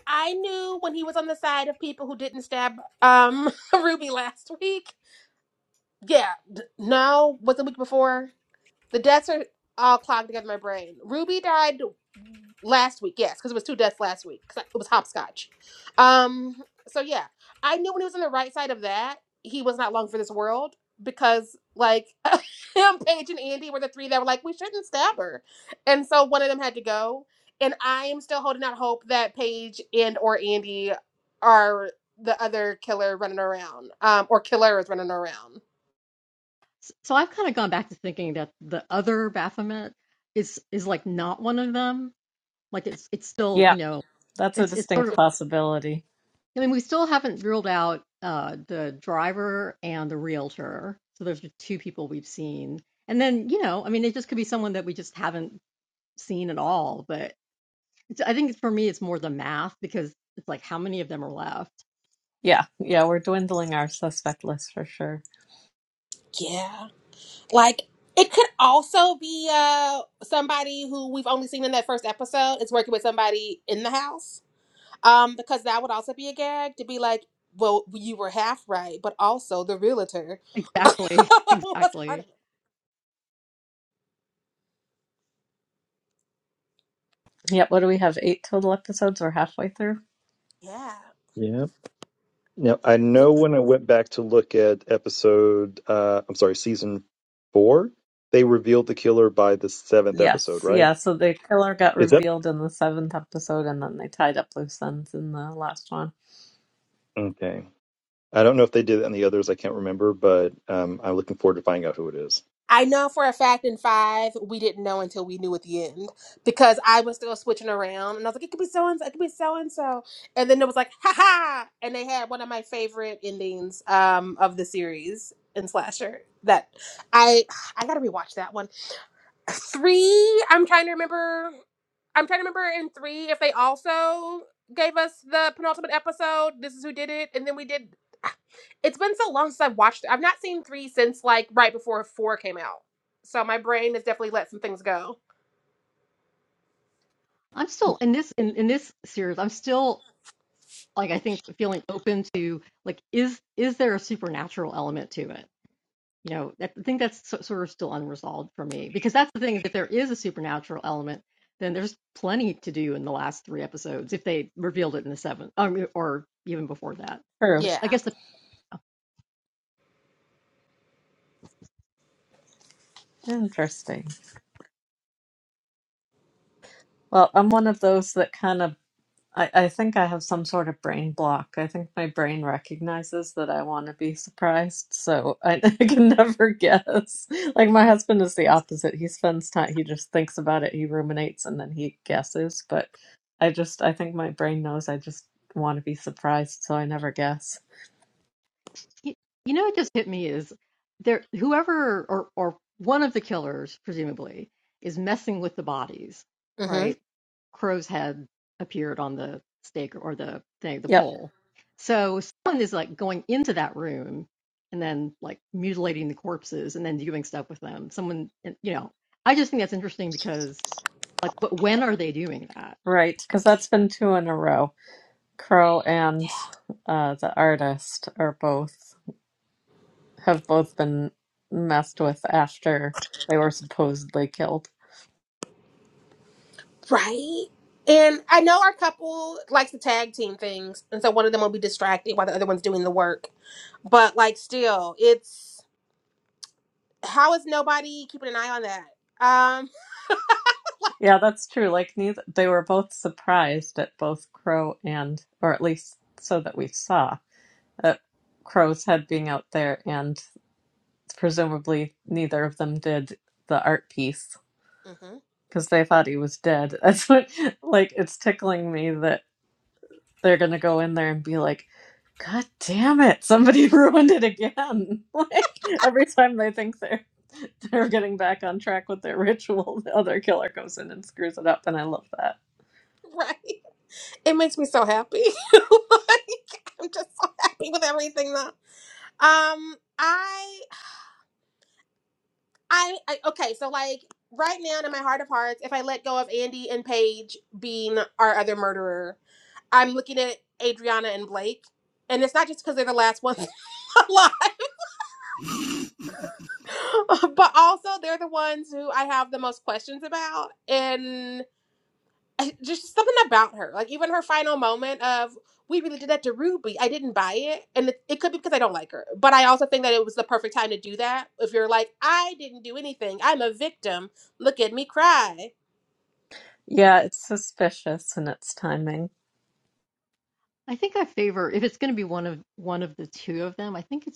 Speaker 1: I knew when he was on the side of people who didn't stab um Ruby last week. Yeah, d- no, was it the week before? The deaths are all clogged together in my brain. Ruby died last week, yes, because it was two deaths last week. Because it was hopscotch. Um, so yeah, I knew when he was on the right side of that, he was not long for this world because like him, Paige, and Andy were the three that were like, we shouldn't stab her, and so one of them had to go. And I am still holding out hope that Paige and or Andy are the other killer running around, um, or killer is running around.
Speaker 4: So I've kind of gone back to thinking that the other Baphomet is is like not one of them. Like it's it's still
Speaker 2: Yeah,
Speaker 4: you know
Speaker 2: that's a
Speaker 4: it's it's sort of
Speaker 2: distinct possibility.
Speaker 4: I mean, we still haven't ruled out uh, the driver and the realtor. So those are two people we've seen. And then, you know, I mean, it just could be someone that we just haven't seen at all. But it's, I think for me, it's more the math because it's like how many of them are left?
Speaker 2: Yeah, yeah, we're dwindling our suspect list for sure.
Speaker 1: Yeah. Like it could also be uh somebody who we've only seen in that first episode is working with somebody in the house. Um, because that would also be a gag to be like, well, you were half right, but also the realtor
Speaker 4: Exactly.
Speaker 1: was part
Speaker 4: Exactly.
Speaker 1: of it.
Speaker 2: Yeah, what do we have? Eight total episodes. We're halfway through.
Speaker 1: Yeah.
Speaker 6: Yeah. Now, I know when I went back to look at episode, uh, I'm sorry, season four, they revealed the killer by the seventh episode,
Speaker 2: Yes,
Speaker 6: right?
Speaker 2: yeah. So the killer got
Speaker 6: Is that
Speaker 2: revealed in the seventh episode, and then they tied up loose ends in the last one.
Speaker 6: okay? I don't know if they did it in the others. I can't remember, but um, I'm looking forward to finding out who it is.
Speaker 1: I know for a fact in five we didn't know until we knew at the end because I was still switching around and I was like, it could be so and so, it could be so and so, and then it was like, ha ha, and they had one of my favorite endings um, of the series in slasher that I I gotta rewatch that one three i'm trying to remember i'm trying to remember in three if they also gave us the penultimate episode this is who did it and then we did it's been so long since i've watched it i've not seen three since like right before four came out so my brain has definitely let some things go
Speaker 4: I'm still in this in, in this series. I'm still like I think feeling open to like is is there a supernatural element to it? you know that, i think that's so, sort of still unresolved for me because that's the thing is if there is a supernatural element then there's plenty to do in the last three episodes if they revealed it in the seventh um, or even before that
Speaker 2: True.
Speaker 4: That's-
Speaker 1: yeah
Speaker 4: i guess the
Speaker 2: Interesting. Well, I'm one of those that kind of I, I think I have some sort of brain block. I think my brain recognizes that I want to be surprised, so I, I can never guess. Like my husband is the opposite. He spends time, he just thinks about it, he ruminates, and then he guesses. But I just, I think my brain knows I just want to be surprised, so I never guess.
Speaker 4: You, you know, it just hit me is there whoever or or one of the killers presumably is messing with the bodies,
Speaker 1: Mm-hmm.
Speaker 4: right? Crow's head appeared on the stake or the thing, the
Speaker 2: Yep,
Speaker 4: pole. So someone is like going into that room and then like mutilating the corpses and then doing stuff with them. Someone, you know, I just think that's interesting because like, but when are they doing that?
Speaker 2: right, because that's been two in a row. Crow and uh, the artist are both have both been messed with after they were supposedly killed.
Speaker 1: right and i know our couple likes to tag team things and so one of them will be distracted while the other one's doing the work but like still it's how is nobody keeping an eye on that Um. Like
Speaker 2: Yeah, that's true. Like neither they were both surprised at both Crow and or at least so that we saw at Crow's head being out there and presumably neither of them did the art piece
Speaker 1: Mm-hmm.
Speaker 2: because they thought he was dead. That's what like it's tickling me that they're gonna go in there and be like, God damn it, somebody ruined it again. Like every time they think they're they're getting back on track with their ritual, the other killer goes in and screws it up and I love that.
Speaker 1: Right. It makes me so happy. like, I'm just so happy with everything now. Um, I I, I okay, so like right now in my heart of hearts, if I let go of Andy and Paige being our other murderer, I'm looking at Adriana and Blake. And it's not just because they're the last ones alive, but also they're the ones who I have the most questions about. and. I- just something about her. Like even her final moment of we really did that to Ruby. I didn't buy it, and it, it could be because I don't like her. But I also think that it was the perfect time to do that. If you're like, I didn't do anything. I'm a victim. Look at me cry.
Speaker 2: Yeah, it's suspicious in its timing.
Speaker 4: I think I favor if it's going to be one of one of the two of them. I think it's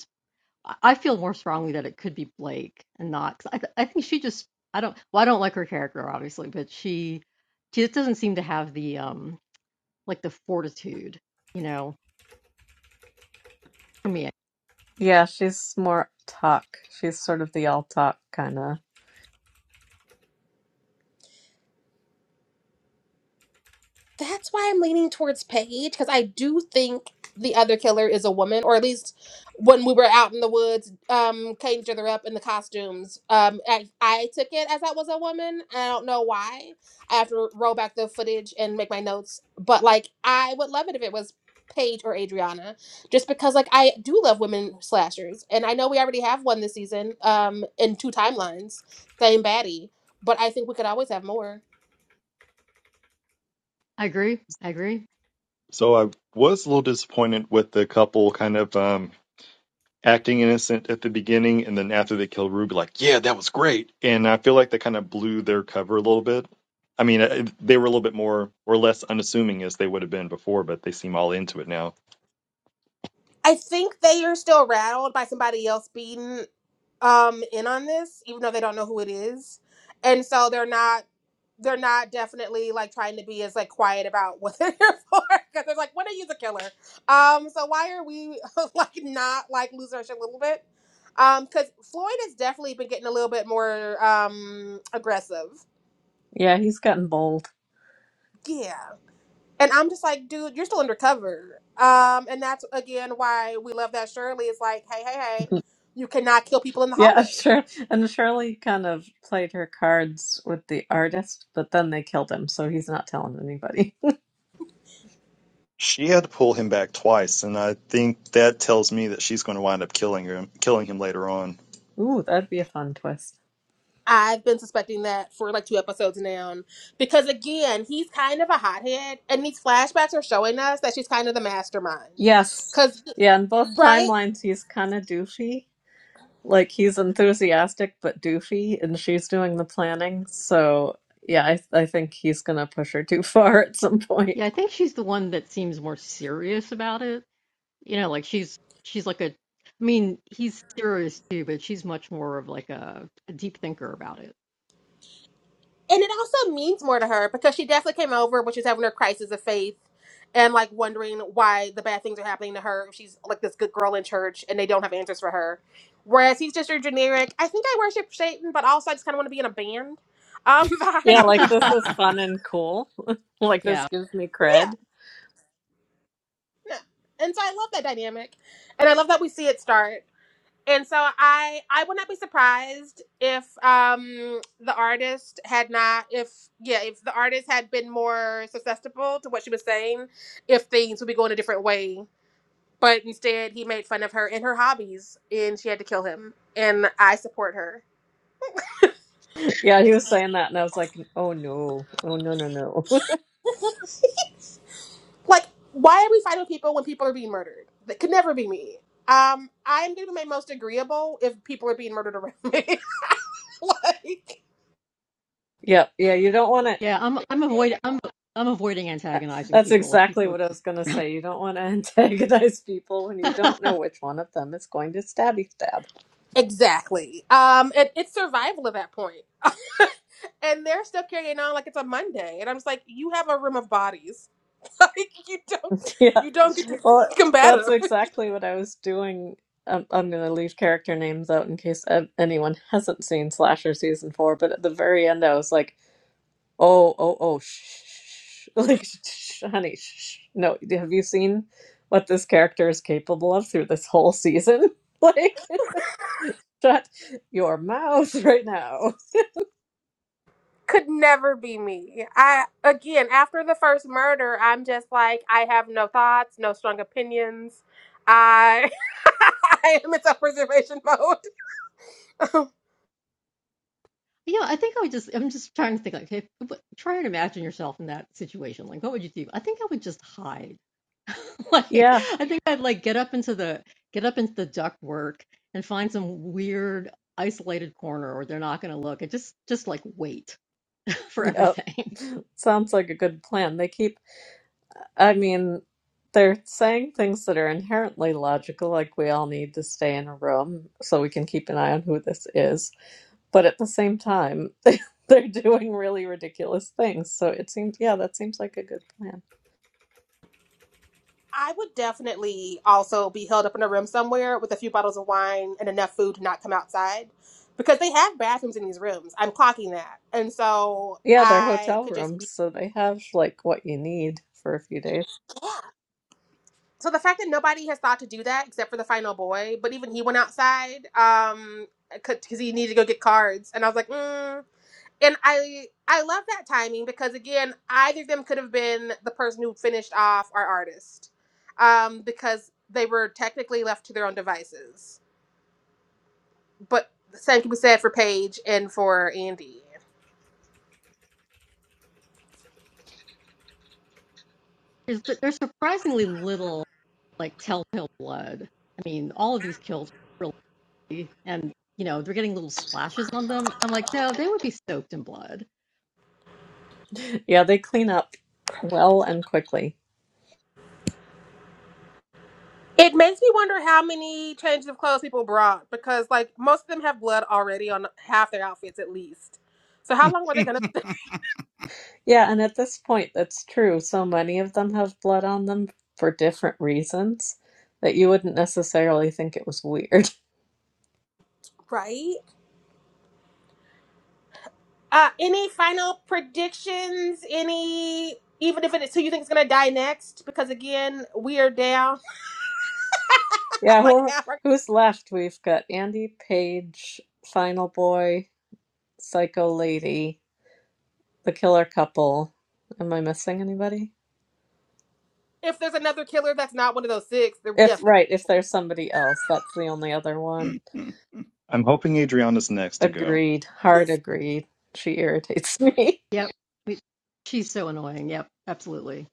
Speaker 4: I I feel more strongly that it could be Blake and not. 'cause I, th- I think she just. I don't. Well, I don't like her character, obviously, but she, she just doesn't seem to have the um, like the fortitude, you know. For me,
Speaker 2: Yeah, she's more talk. She's sort of the all talk kind of.
Speaker 1: that's why I'm leaning towards Paige because I do think the other killer is a woman, or at least when we were out in the woods, um, cutting each other up in the costumes. Um, I, I took it as that was a woman. I don't know why. I have to roll back the footage and make my notes, but like I would love it if it was Paige or Adriana, just because like I do love women slashers, and I know we already have one this season, um, in two timelines, same baddie, but I think we could always have more.
Speaker 4: I agree. I agree.
Speaker 6: So I was a little disappointed with the couple kind of um, acting innocent at the beginning, and then after they killed Ruby, like, yeah, that was great. And I feel like they kind of blew their cover a little bit. I mean, uh, they were a little bit more or less unassuming as they would have been before, but they seem all into it now.
Speaker 1: I think they are still rattled by somebody else being um in on this, even though they don't know who it is. And so they're not they're not definitely like trying to be as like quiet about what they're here for because they're like, when are you the killer? Um, so why are we like not like losing our shit a little bit? Um, because Floyd has definitely been getting a little bit more um aggressive.
Speaker 2: Yeah, he's gotten bold.
Speaker 1: Yeah. And I'm just like, dude, you're still undercover. Um, and that's again why we love that Shirley. It's like, hey, hey, hey, you cannot kill people in the
Speaker 2: Yeah, I'm
Speaker 1: hallway.
Speaker 2: sure. And Shirley kind of played her cards with the artist, but then they killed him, so he's not telling anybody.
Speaker 6: She had to pull him back twice, and I think that tells me that she's going to wind up killing him, killing him later on.
Speaker 2: Ooh, that'd be a fun twist.
Speaker 1: I've been suspecting that for like two episodes now. Because again, he's kind of a hothead, and these flashbacks are showing us that she's kind of the mastermind.
Speaker 2: Yes.
Speaker 1: Cause
Speaker 2: Yeah, in both
Speaker 1: right?
Speaker 2: timelines, he's kind of doofy. Like, he's enthusiastic, but doofy, and she's doing the planning. So, yeah, I, I think he's going to push her too far at some point.
Speaker 4: Yeah, I think she's the one that seems more serious about it. You know, like she's she's like a. I mean, he's serious too, but she's much more of like a, a deep thinker about it.
Speaker 1: and it also means more to her because she definitely came over when she was having her crisis of faith and like wondering why the bad things are happening to her. She's like this good girl in church and they don't have answers for her. Whereas he's just your generic, I think I worship Satan, but also I just kind of want to be in a band um, vibe.
Speaker 2: Yeah, like this is fun and cool. like this
Speaker 4: yeah,
Speaker 2: gives me
Speaker 1: yeah.
Speaker 2: cred.
Speaker 1: yeah. And so I love that dynamic. And I love that we see it start. and so i i would not be surprised if um the artist had not if yeah if the artist had been more susceptible to what she was saying if things would be going a different way but instead he made fun of her and her hobbies and she had to kill him and i support her
Speaker 2: Yeah, he was saying that, and I was like, oh no, oh no, no, no.
Speaker 1: like why are we fighting with people when people are being murdered that could never be me um i'm gonna be made most agreeable if people are being murdered around me like
Speaker 2: yeah, yeah, you don't want to.
Speaker 4: yeah. I'm I'm avoid I'm I'm avoiding antagonizing
Speaker 2: That's
Speaker 4: people if
Speaker 2: exactly
Speaker 4: people
Speaker 2: what I was going to say. You don't want to antagonize people when you
Speaker 4: are.
Speaker 2: don't know which one of them is going to stabby stab.
Speaker 1: exactly um it, it's survival at that point and they're still carrying on like it's a Monday. And I'm just like, you have a room of bodies. like you don't
Speaker 2: yeah,
Speaker 1: you don't get to
Speaker 2: well,
Speaker 1: combat
Speaker 2: that's
Speaker 1: them.
Speaker 2: exactly what I was doing. Um, I'm going to leave character names out in case uh, anyone hasn't seen Slasher season four, but at the very end, I was like, Oh, oh, oh, shh, shh, shh. like, shh, shh, honey, shh. shh. No, have you seen what this character is capable of through this whole season? Like, shut your mouth right now.
Speaker 1: Could never be me. I again after the first murder, I'm just like, I have no thoughts, no strong opinions. I I am in self preservation mode.
Speaker 4: Yeah, I think I would just, I'm just trying to think like, okay, but try and imagine yourself in that situation. Like, what would you do? I think I would just hide. Like,
Speaker 2: Yeah,
Speaker 4: I think I'd like get up into the, get up into the duck work and find some weird isolated corner where they're not going to look and just, just like wait for
Speaker 2: yep.
Speaker 4: everything.
Speaker 2: Sounds like a good plan. They keep, I mean, they're saying things that are inherently logical, like we all need to stay in a room so we can keep an eye on who this is. But at the same time, they're doing really ridiculous things. So it seems, yeah, that seems like a good plan.
Speaker 1: I would definitely also be held up in a room somewhere with a few bottles of wine and enough food to not come outside because they have bathrooms in these rooms. I'm clocking that. And so
Speaker 2: Yeah, they're
Speaker 1: I
Speaker 2: hotel
Speaker 1: could just be.
Speaker 2: rooms, so they have like what you need for a few days.
Speaker 1: Yeah. So the fact that nobody has thought to do that except for the final boy, but even he went outside um because he needed to go get cards, and I was like, mm. and I I love that timing because again, either of them could have been the person who finished off our artist, um because they were technically left to their own devices, but the same can be said for Paige and for Andy.
Speaker 4: There's, there's surprisingly little like telltale blood. I mean, all of these kills really, and you know, they're getting little splashes on them. I'm like, no, they would be soaked in blood
Speaker 2: Yeah, they clean up well and quickly.
Speaker 1: It makes me wonder how many changes of clothes people brought because, like, most of them have blood already on half their outfits at least. So, how long were they gonna?
Speaker 2: Yeah, and at this point, that's true. So many of them have blood on them for different reasons that you wouldn't necessarily think it was weird.
Speaker 1: Right. Uh, any final predictions? Any, even if it's who you think is gonna die next? Because again, we are down. I'm
Speaker 2: Yeah, who
Speaker 1: like, half
Speaker 2: who's left? We've got Andy Page, Final Boy, Psycho Lady, The Killer Couple. Am I missing anybody?
Speaker 1: if there's another killer that's not one of those six, then we
Speaker 2: If
Speaker 1: have seven.
Speaker 2: right, if there's somebody else, that's the only other one.
Speaker 6: I'm hoping Adriana's next to go.
Speaker 2: Agreed. Hard agreed. She irritates me.
Speaker 4: Yep. We- She's so annoying. Yep, absolutely.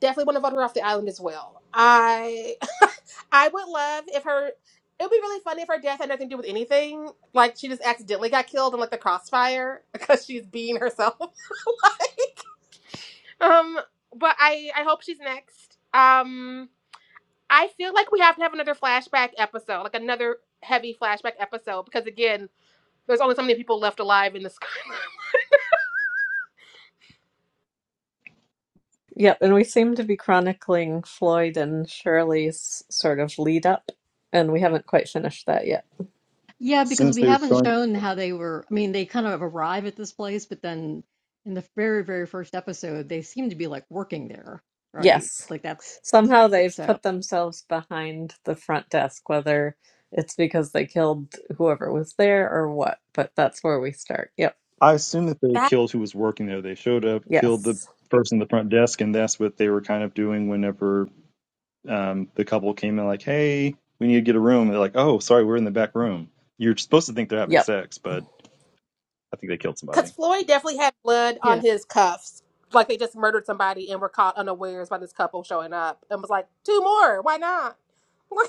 Speaker 1: Definitely want to vote her off the island as well. I I would love if her. It would be really funny if her death had nothing to do with anything. Like she just accidentally got killed in like the crossfire because she's being herself. um, but I I hope she's next. Um, I feel like we have to have another flashback episode, like another heavy flashback episode, because again, there's only so many people left alive in this.
Speaker 2: Yep, and we seem to be chronicling Floyd and Shirley's sort of lead up, and we haven't quite finished that yet.
Speaker 4: Yeah, because
Speaker 6: Since
Speaker 4: we
Speaker 6: they're
Speaker 4: haven't
Speaker 6: showing
Speaker 4: shown how they were. I mean, they kind of arrive at this place, but then in the very, very first episode, they seem to be like working there, right?
Speaker 2: Yes.
Speaker 4: Like that's
Speaker 2: Somehow they've
Speaker 4: so.
Speaker 2: put themselves behind the front desk, whether it's because they killed whoever was there or what, but that's where we start. Yep.
Speaker 6: I assume that they killed who was working there. They showed up, killed the
Speaker 2: Yes.
Speaker 6: person at the front desk, and that's what they were kind of doing whenever um, the couple came in, like, hey, we need to get a room. And they're like, oh, sorry, we're in the back room. You're supposed to think they're having
Speaker 2: Yep.
Speaker 6: sex, but I think they killed
Speaker 1: Because
Speaker 6: somebody.
Speaker 1: Floyd definitely had blood on
Speaker 4: Yeah.
Speaker 1: his cuffs. Like they just murdered somebody and were caught unawares by this couple showing up and was like, two more, why not?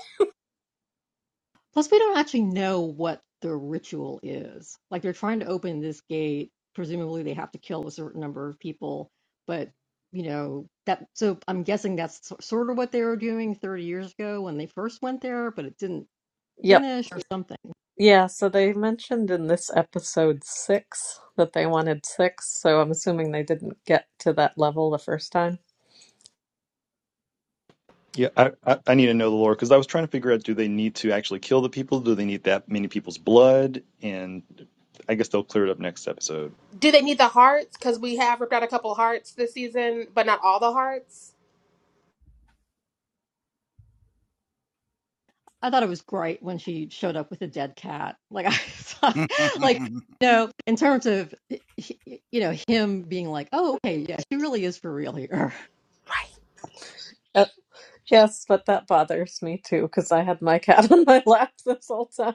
Speaker 4: Plus, we don't actually know what the ritual is. Like they're trying to open this gate. Presumably, they have to kill a certain number of people, but you know that. So I'm guessing that's sort of what they were doing 30 years ago when they first went there, but it didn't
Speaker 2: Yep.
Speaker 4: finish or something.
Speaker 2: Yeah, so they mentioned in this episode six that they wanted six, so I'm assuming they didn't get to that level the first time.
Speaker 6: Yeah, I, I, I need to know the lore because I was trying to figure out do they need to actually kill the people? Do they need that many people's blood? And I guess they'll clear it up next episode.
Speaker 1: Do they need the hearts? Because we have ripped out a couple hearts this season, but not all the hearts.
Speaker 4: I thought it was great when she showed up with a dead cat. Like I thought, like you know, in terms of you know him being like, oh okay, yeah, she really is for real here.
Speaker 1: Right.
Speaker 2: Uh, yes, but that bothers me too because I had my cat on my lap this whole time.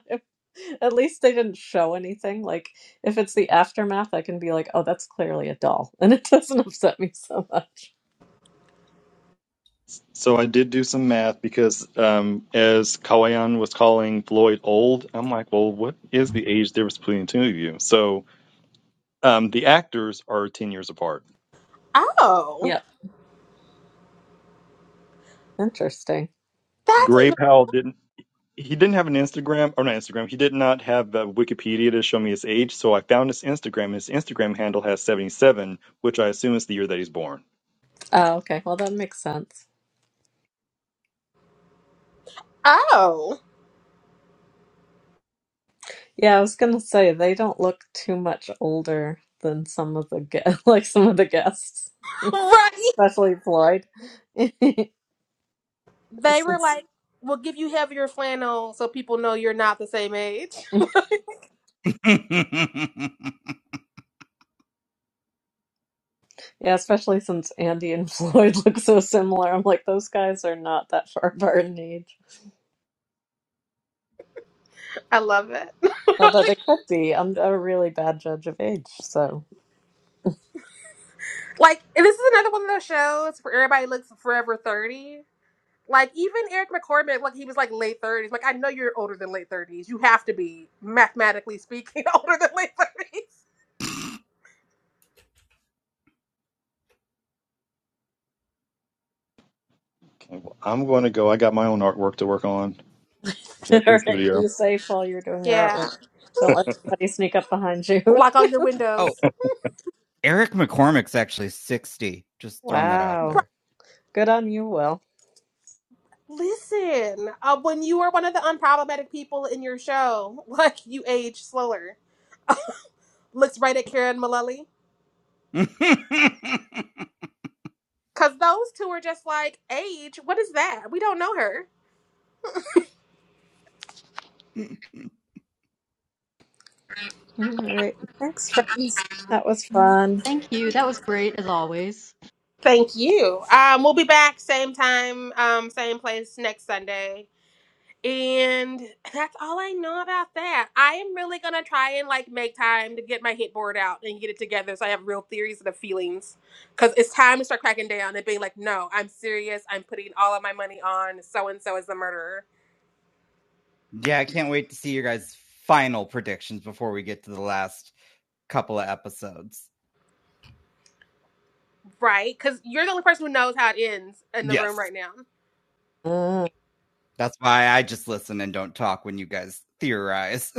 Speaker 2: At least they didn't show anything. Like, if it's the aftermath, I can be like, oh, that's clearly a doll. And it doesn't upset me so much.
Speaker 6: So I did do some math because, um, as Kawayan was calling Lloyd old, I'm like, well, what is the age difference between the two of you? So um, the actors are 10 years apart.
Speaker 1: Oh,
Speaker 2: Yeah. Interesting.
Speaker 1: that's
Speaker 6: Gray
Speaker 1: even.
Speaker 6: Powell didn't. He didn't have an Instagram, or not Instagram. He did not have uh, Wikipedia to show me his age, so I found his Instagram. His Instagram handle has 77, which I assume is the year that he's born.
Speaker 2: Oh, okay. Well, that makes sense.
Speaker 1: Oh,
Speaker 2: Yeah, I was going to say they don't look too much older than some of the gue- like some of the guests,
Speaker 1: right.
Speaker 2: especially Floyd.
Speaker 1: They were
Speaker 2: Since-
Speaker 1: like, we'll give you heavier flannel so people know you're not the same age.
Speaker 2: Yeah, especially since Andy and Floyd look so similar. I'm like, those guys are not that far apart in age.
Speaker 1: I love it.
Speaker 2: Although they could be. I'm a really bad judge of age. So,
Speaker 1: Like, and this is another one of those shows where everybody looks forever 30 Like even Eric McCormick, like he was like late thirties. Like I know you're older than late thirties. You have to be mathematically speaking older than late thirties.
Speaker 6: Okay, well, I'm going to go. I got my own artwork to work on.
Speaker 2: all
Speaker 6: Head to the
Speaker 2: right,
Speaker 6: studio.
Speaker 2: be safe while you're doing your
Speaker 1: Yeah.
Speaker 2: artwork. Don't let anybody sneak up behind you.
Speaker 1: Lock all your
Speaker 5: oh,
Speaker 1: windows.
Speaker 5: Eric McCormick's actually 60. Just throwing that out
Speaker 1: Right.
Speaker 2: Wow.
Speaker 5: there.
Speaker 2: Good on you, Will.
Speaker 1: Listen, uh, when you were one of the unproblematic people in your show, like you age slower. Looks right at Karen Mullally.
Speaker 5: yeah,
Speaker 1: Cause those two are just like, age, what is that? We don't know her.
Speaker 2: All right. Thanks, friends. That was fun.
Speaker 4: Thank you. That was great as always.
Speaker 1: Thank you. Um, we'll be back same time, um, same place next Sunday. And that's all I know about that. I am really gonna try and like make time to get my hit board out and get it together so I have real theories and the feelings. Cause it's time to start cracking down and being like, no, I'm serious. I'm putting all of my money on so and so is the murderer.
Speaker 5: I can't wait to see your guys' final predictions before we get to the last couple of episodes.
Speaker 1: Right? Cause you're the only person who knows how it ends in the room
Speaker 5: Yes.
Speaker 1: right now.
Speaker 2: Uh,
Speaker 5: That's why I just listen and don't talk when you guys theorize.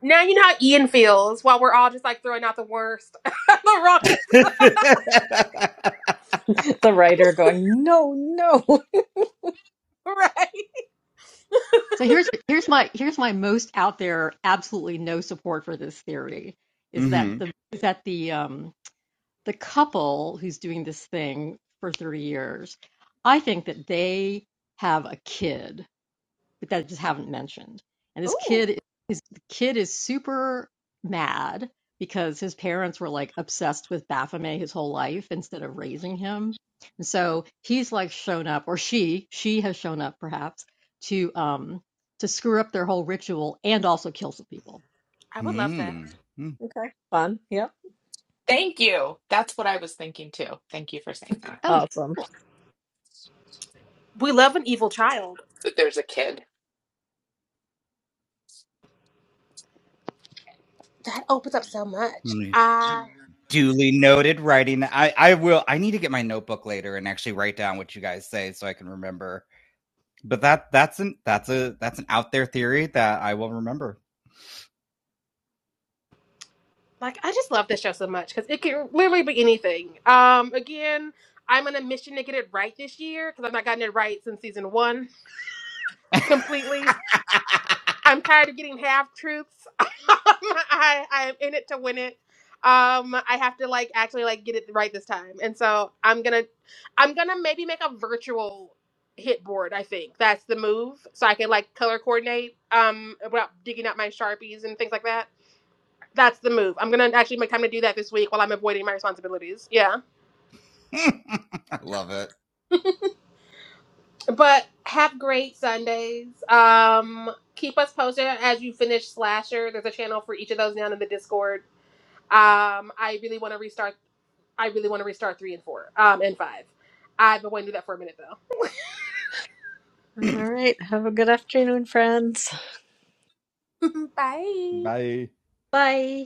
Speaker 1: Now you know how Ian feels while we're all just like throwing out the worst, the wrongest,
Speaker 5: mm-hmm.
Speaker 2: the writer going, no, no.
Speaker 1: right?
Speaker 4: So here's here's my here's my most out there, absolutely no support for this theory is that the is that the um the couple who's doing this thing for 30 years, I think that they have a kid that I just haven't mentioned. And this
Speaker 1: Ooh,
Speaker 4: kid is the kid is super mad because his parents were like obsessed with Baphomet his whole life instead of raising him. And so he's like shown up, or she, she has shown up perhaps to um to screw up their whole ritual and also kill some people.
Speaker 1: I would love that.
Speaker 5: Hmm. Hmm.
Speaker 2: Okay. Fun. Yep.
Speaker 7: Thank you. That's what I was thinking too. Thank you for saying that.
Speaker 4: Oh,
Speaker 2: Awesome.
Speaker 1: We love an evil child.
Speaker 7: That there's a kid.
Speaker 1: That opens up so much.
Speaker 5: Hmm.
Speaker 1: I
Speaker 5: Duly noted writing. I, I will I need to get my notebook later and actually write down what you guys say so I can remember. But that that's an that's a that's an out there theory that I will remember.
Speaker 1: like. I just love this show so much because it can literally be anything. Um, again, I'm on a mission to get it right this year because I've not gotten it right since season one completely. I'm tired of getting half truths. I I am in it to win it. Um, I have to like actually like get it right this time, and so I'm gonna, I'm gonna maybe make a virtual hit board. I think that's the move, so I can like color coordinate. Um, without digging up my sharpies and things like that. That's the move. I'm gonna actually make time to do that this week while I'm avoiding my responsibilities. Yeah,
Speaker 5: I love
Speaker 1: but have great Sundays. Um, keep us posted as you finish Slasher. There's a channel for each of those down in the Discord Um, I really want to restart. I really want to restart three and four. Um, and five. I've been wanting to do that for a minute
Speaker 2: All
Speaker 5: it.
Speaker 2: right. Have a good afternoon, friends.
Speaker 1: though. Bye.
Speaker 5: Bye.
Speaker 4: bye.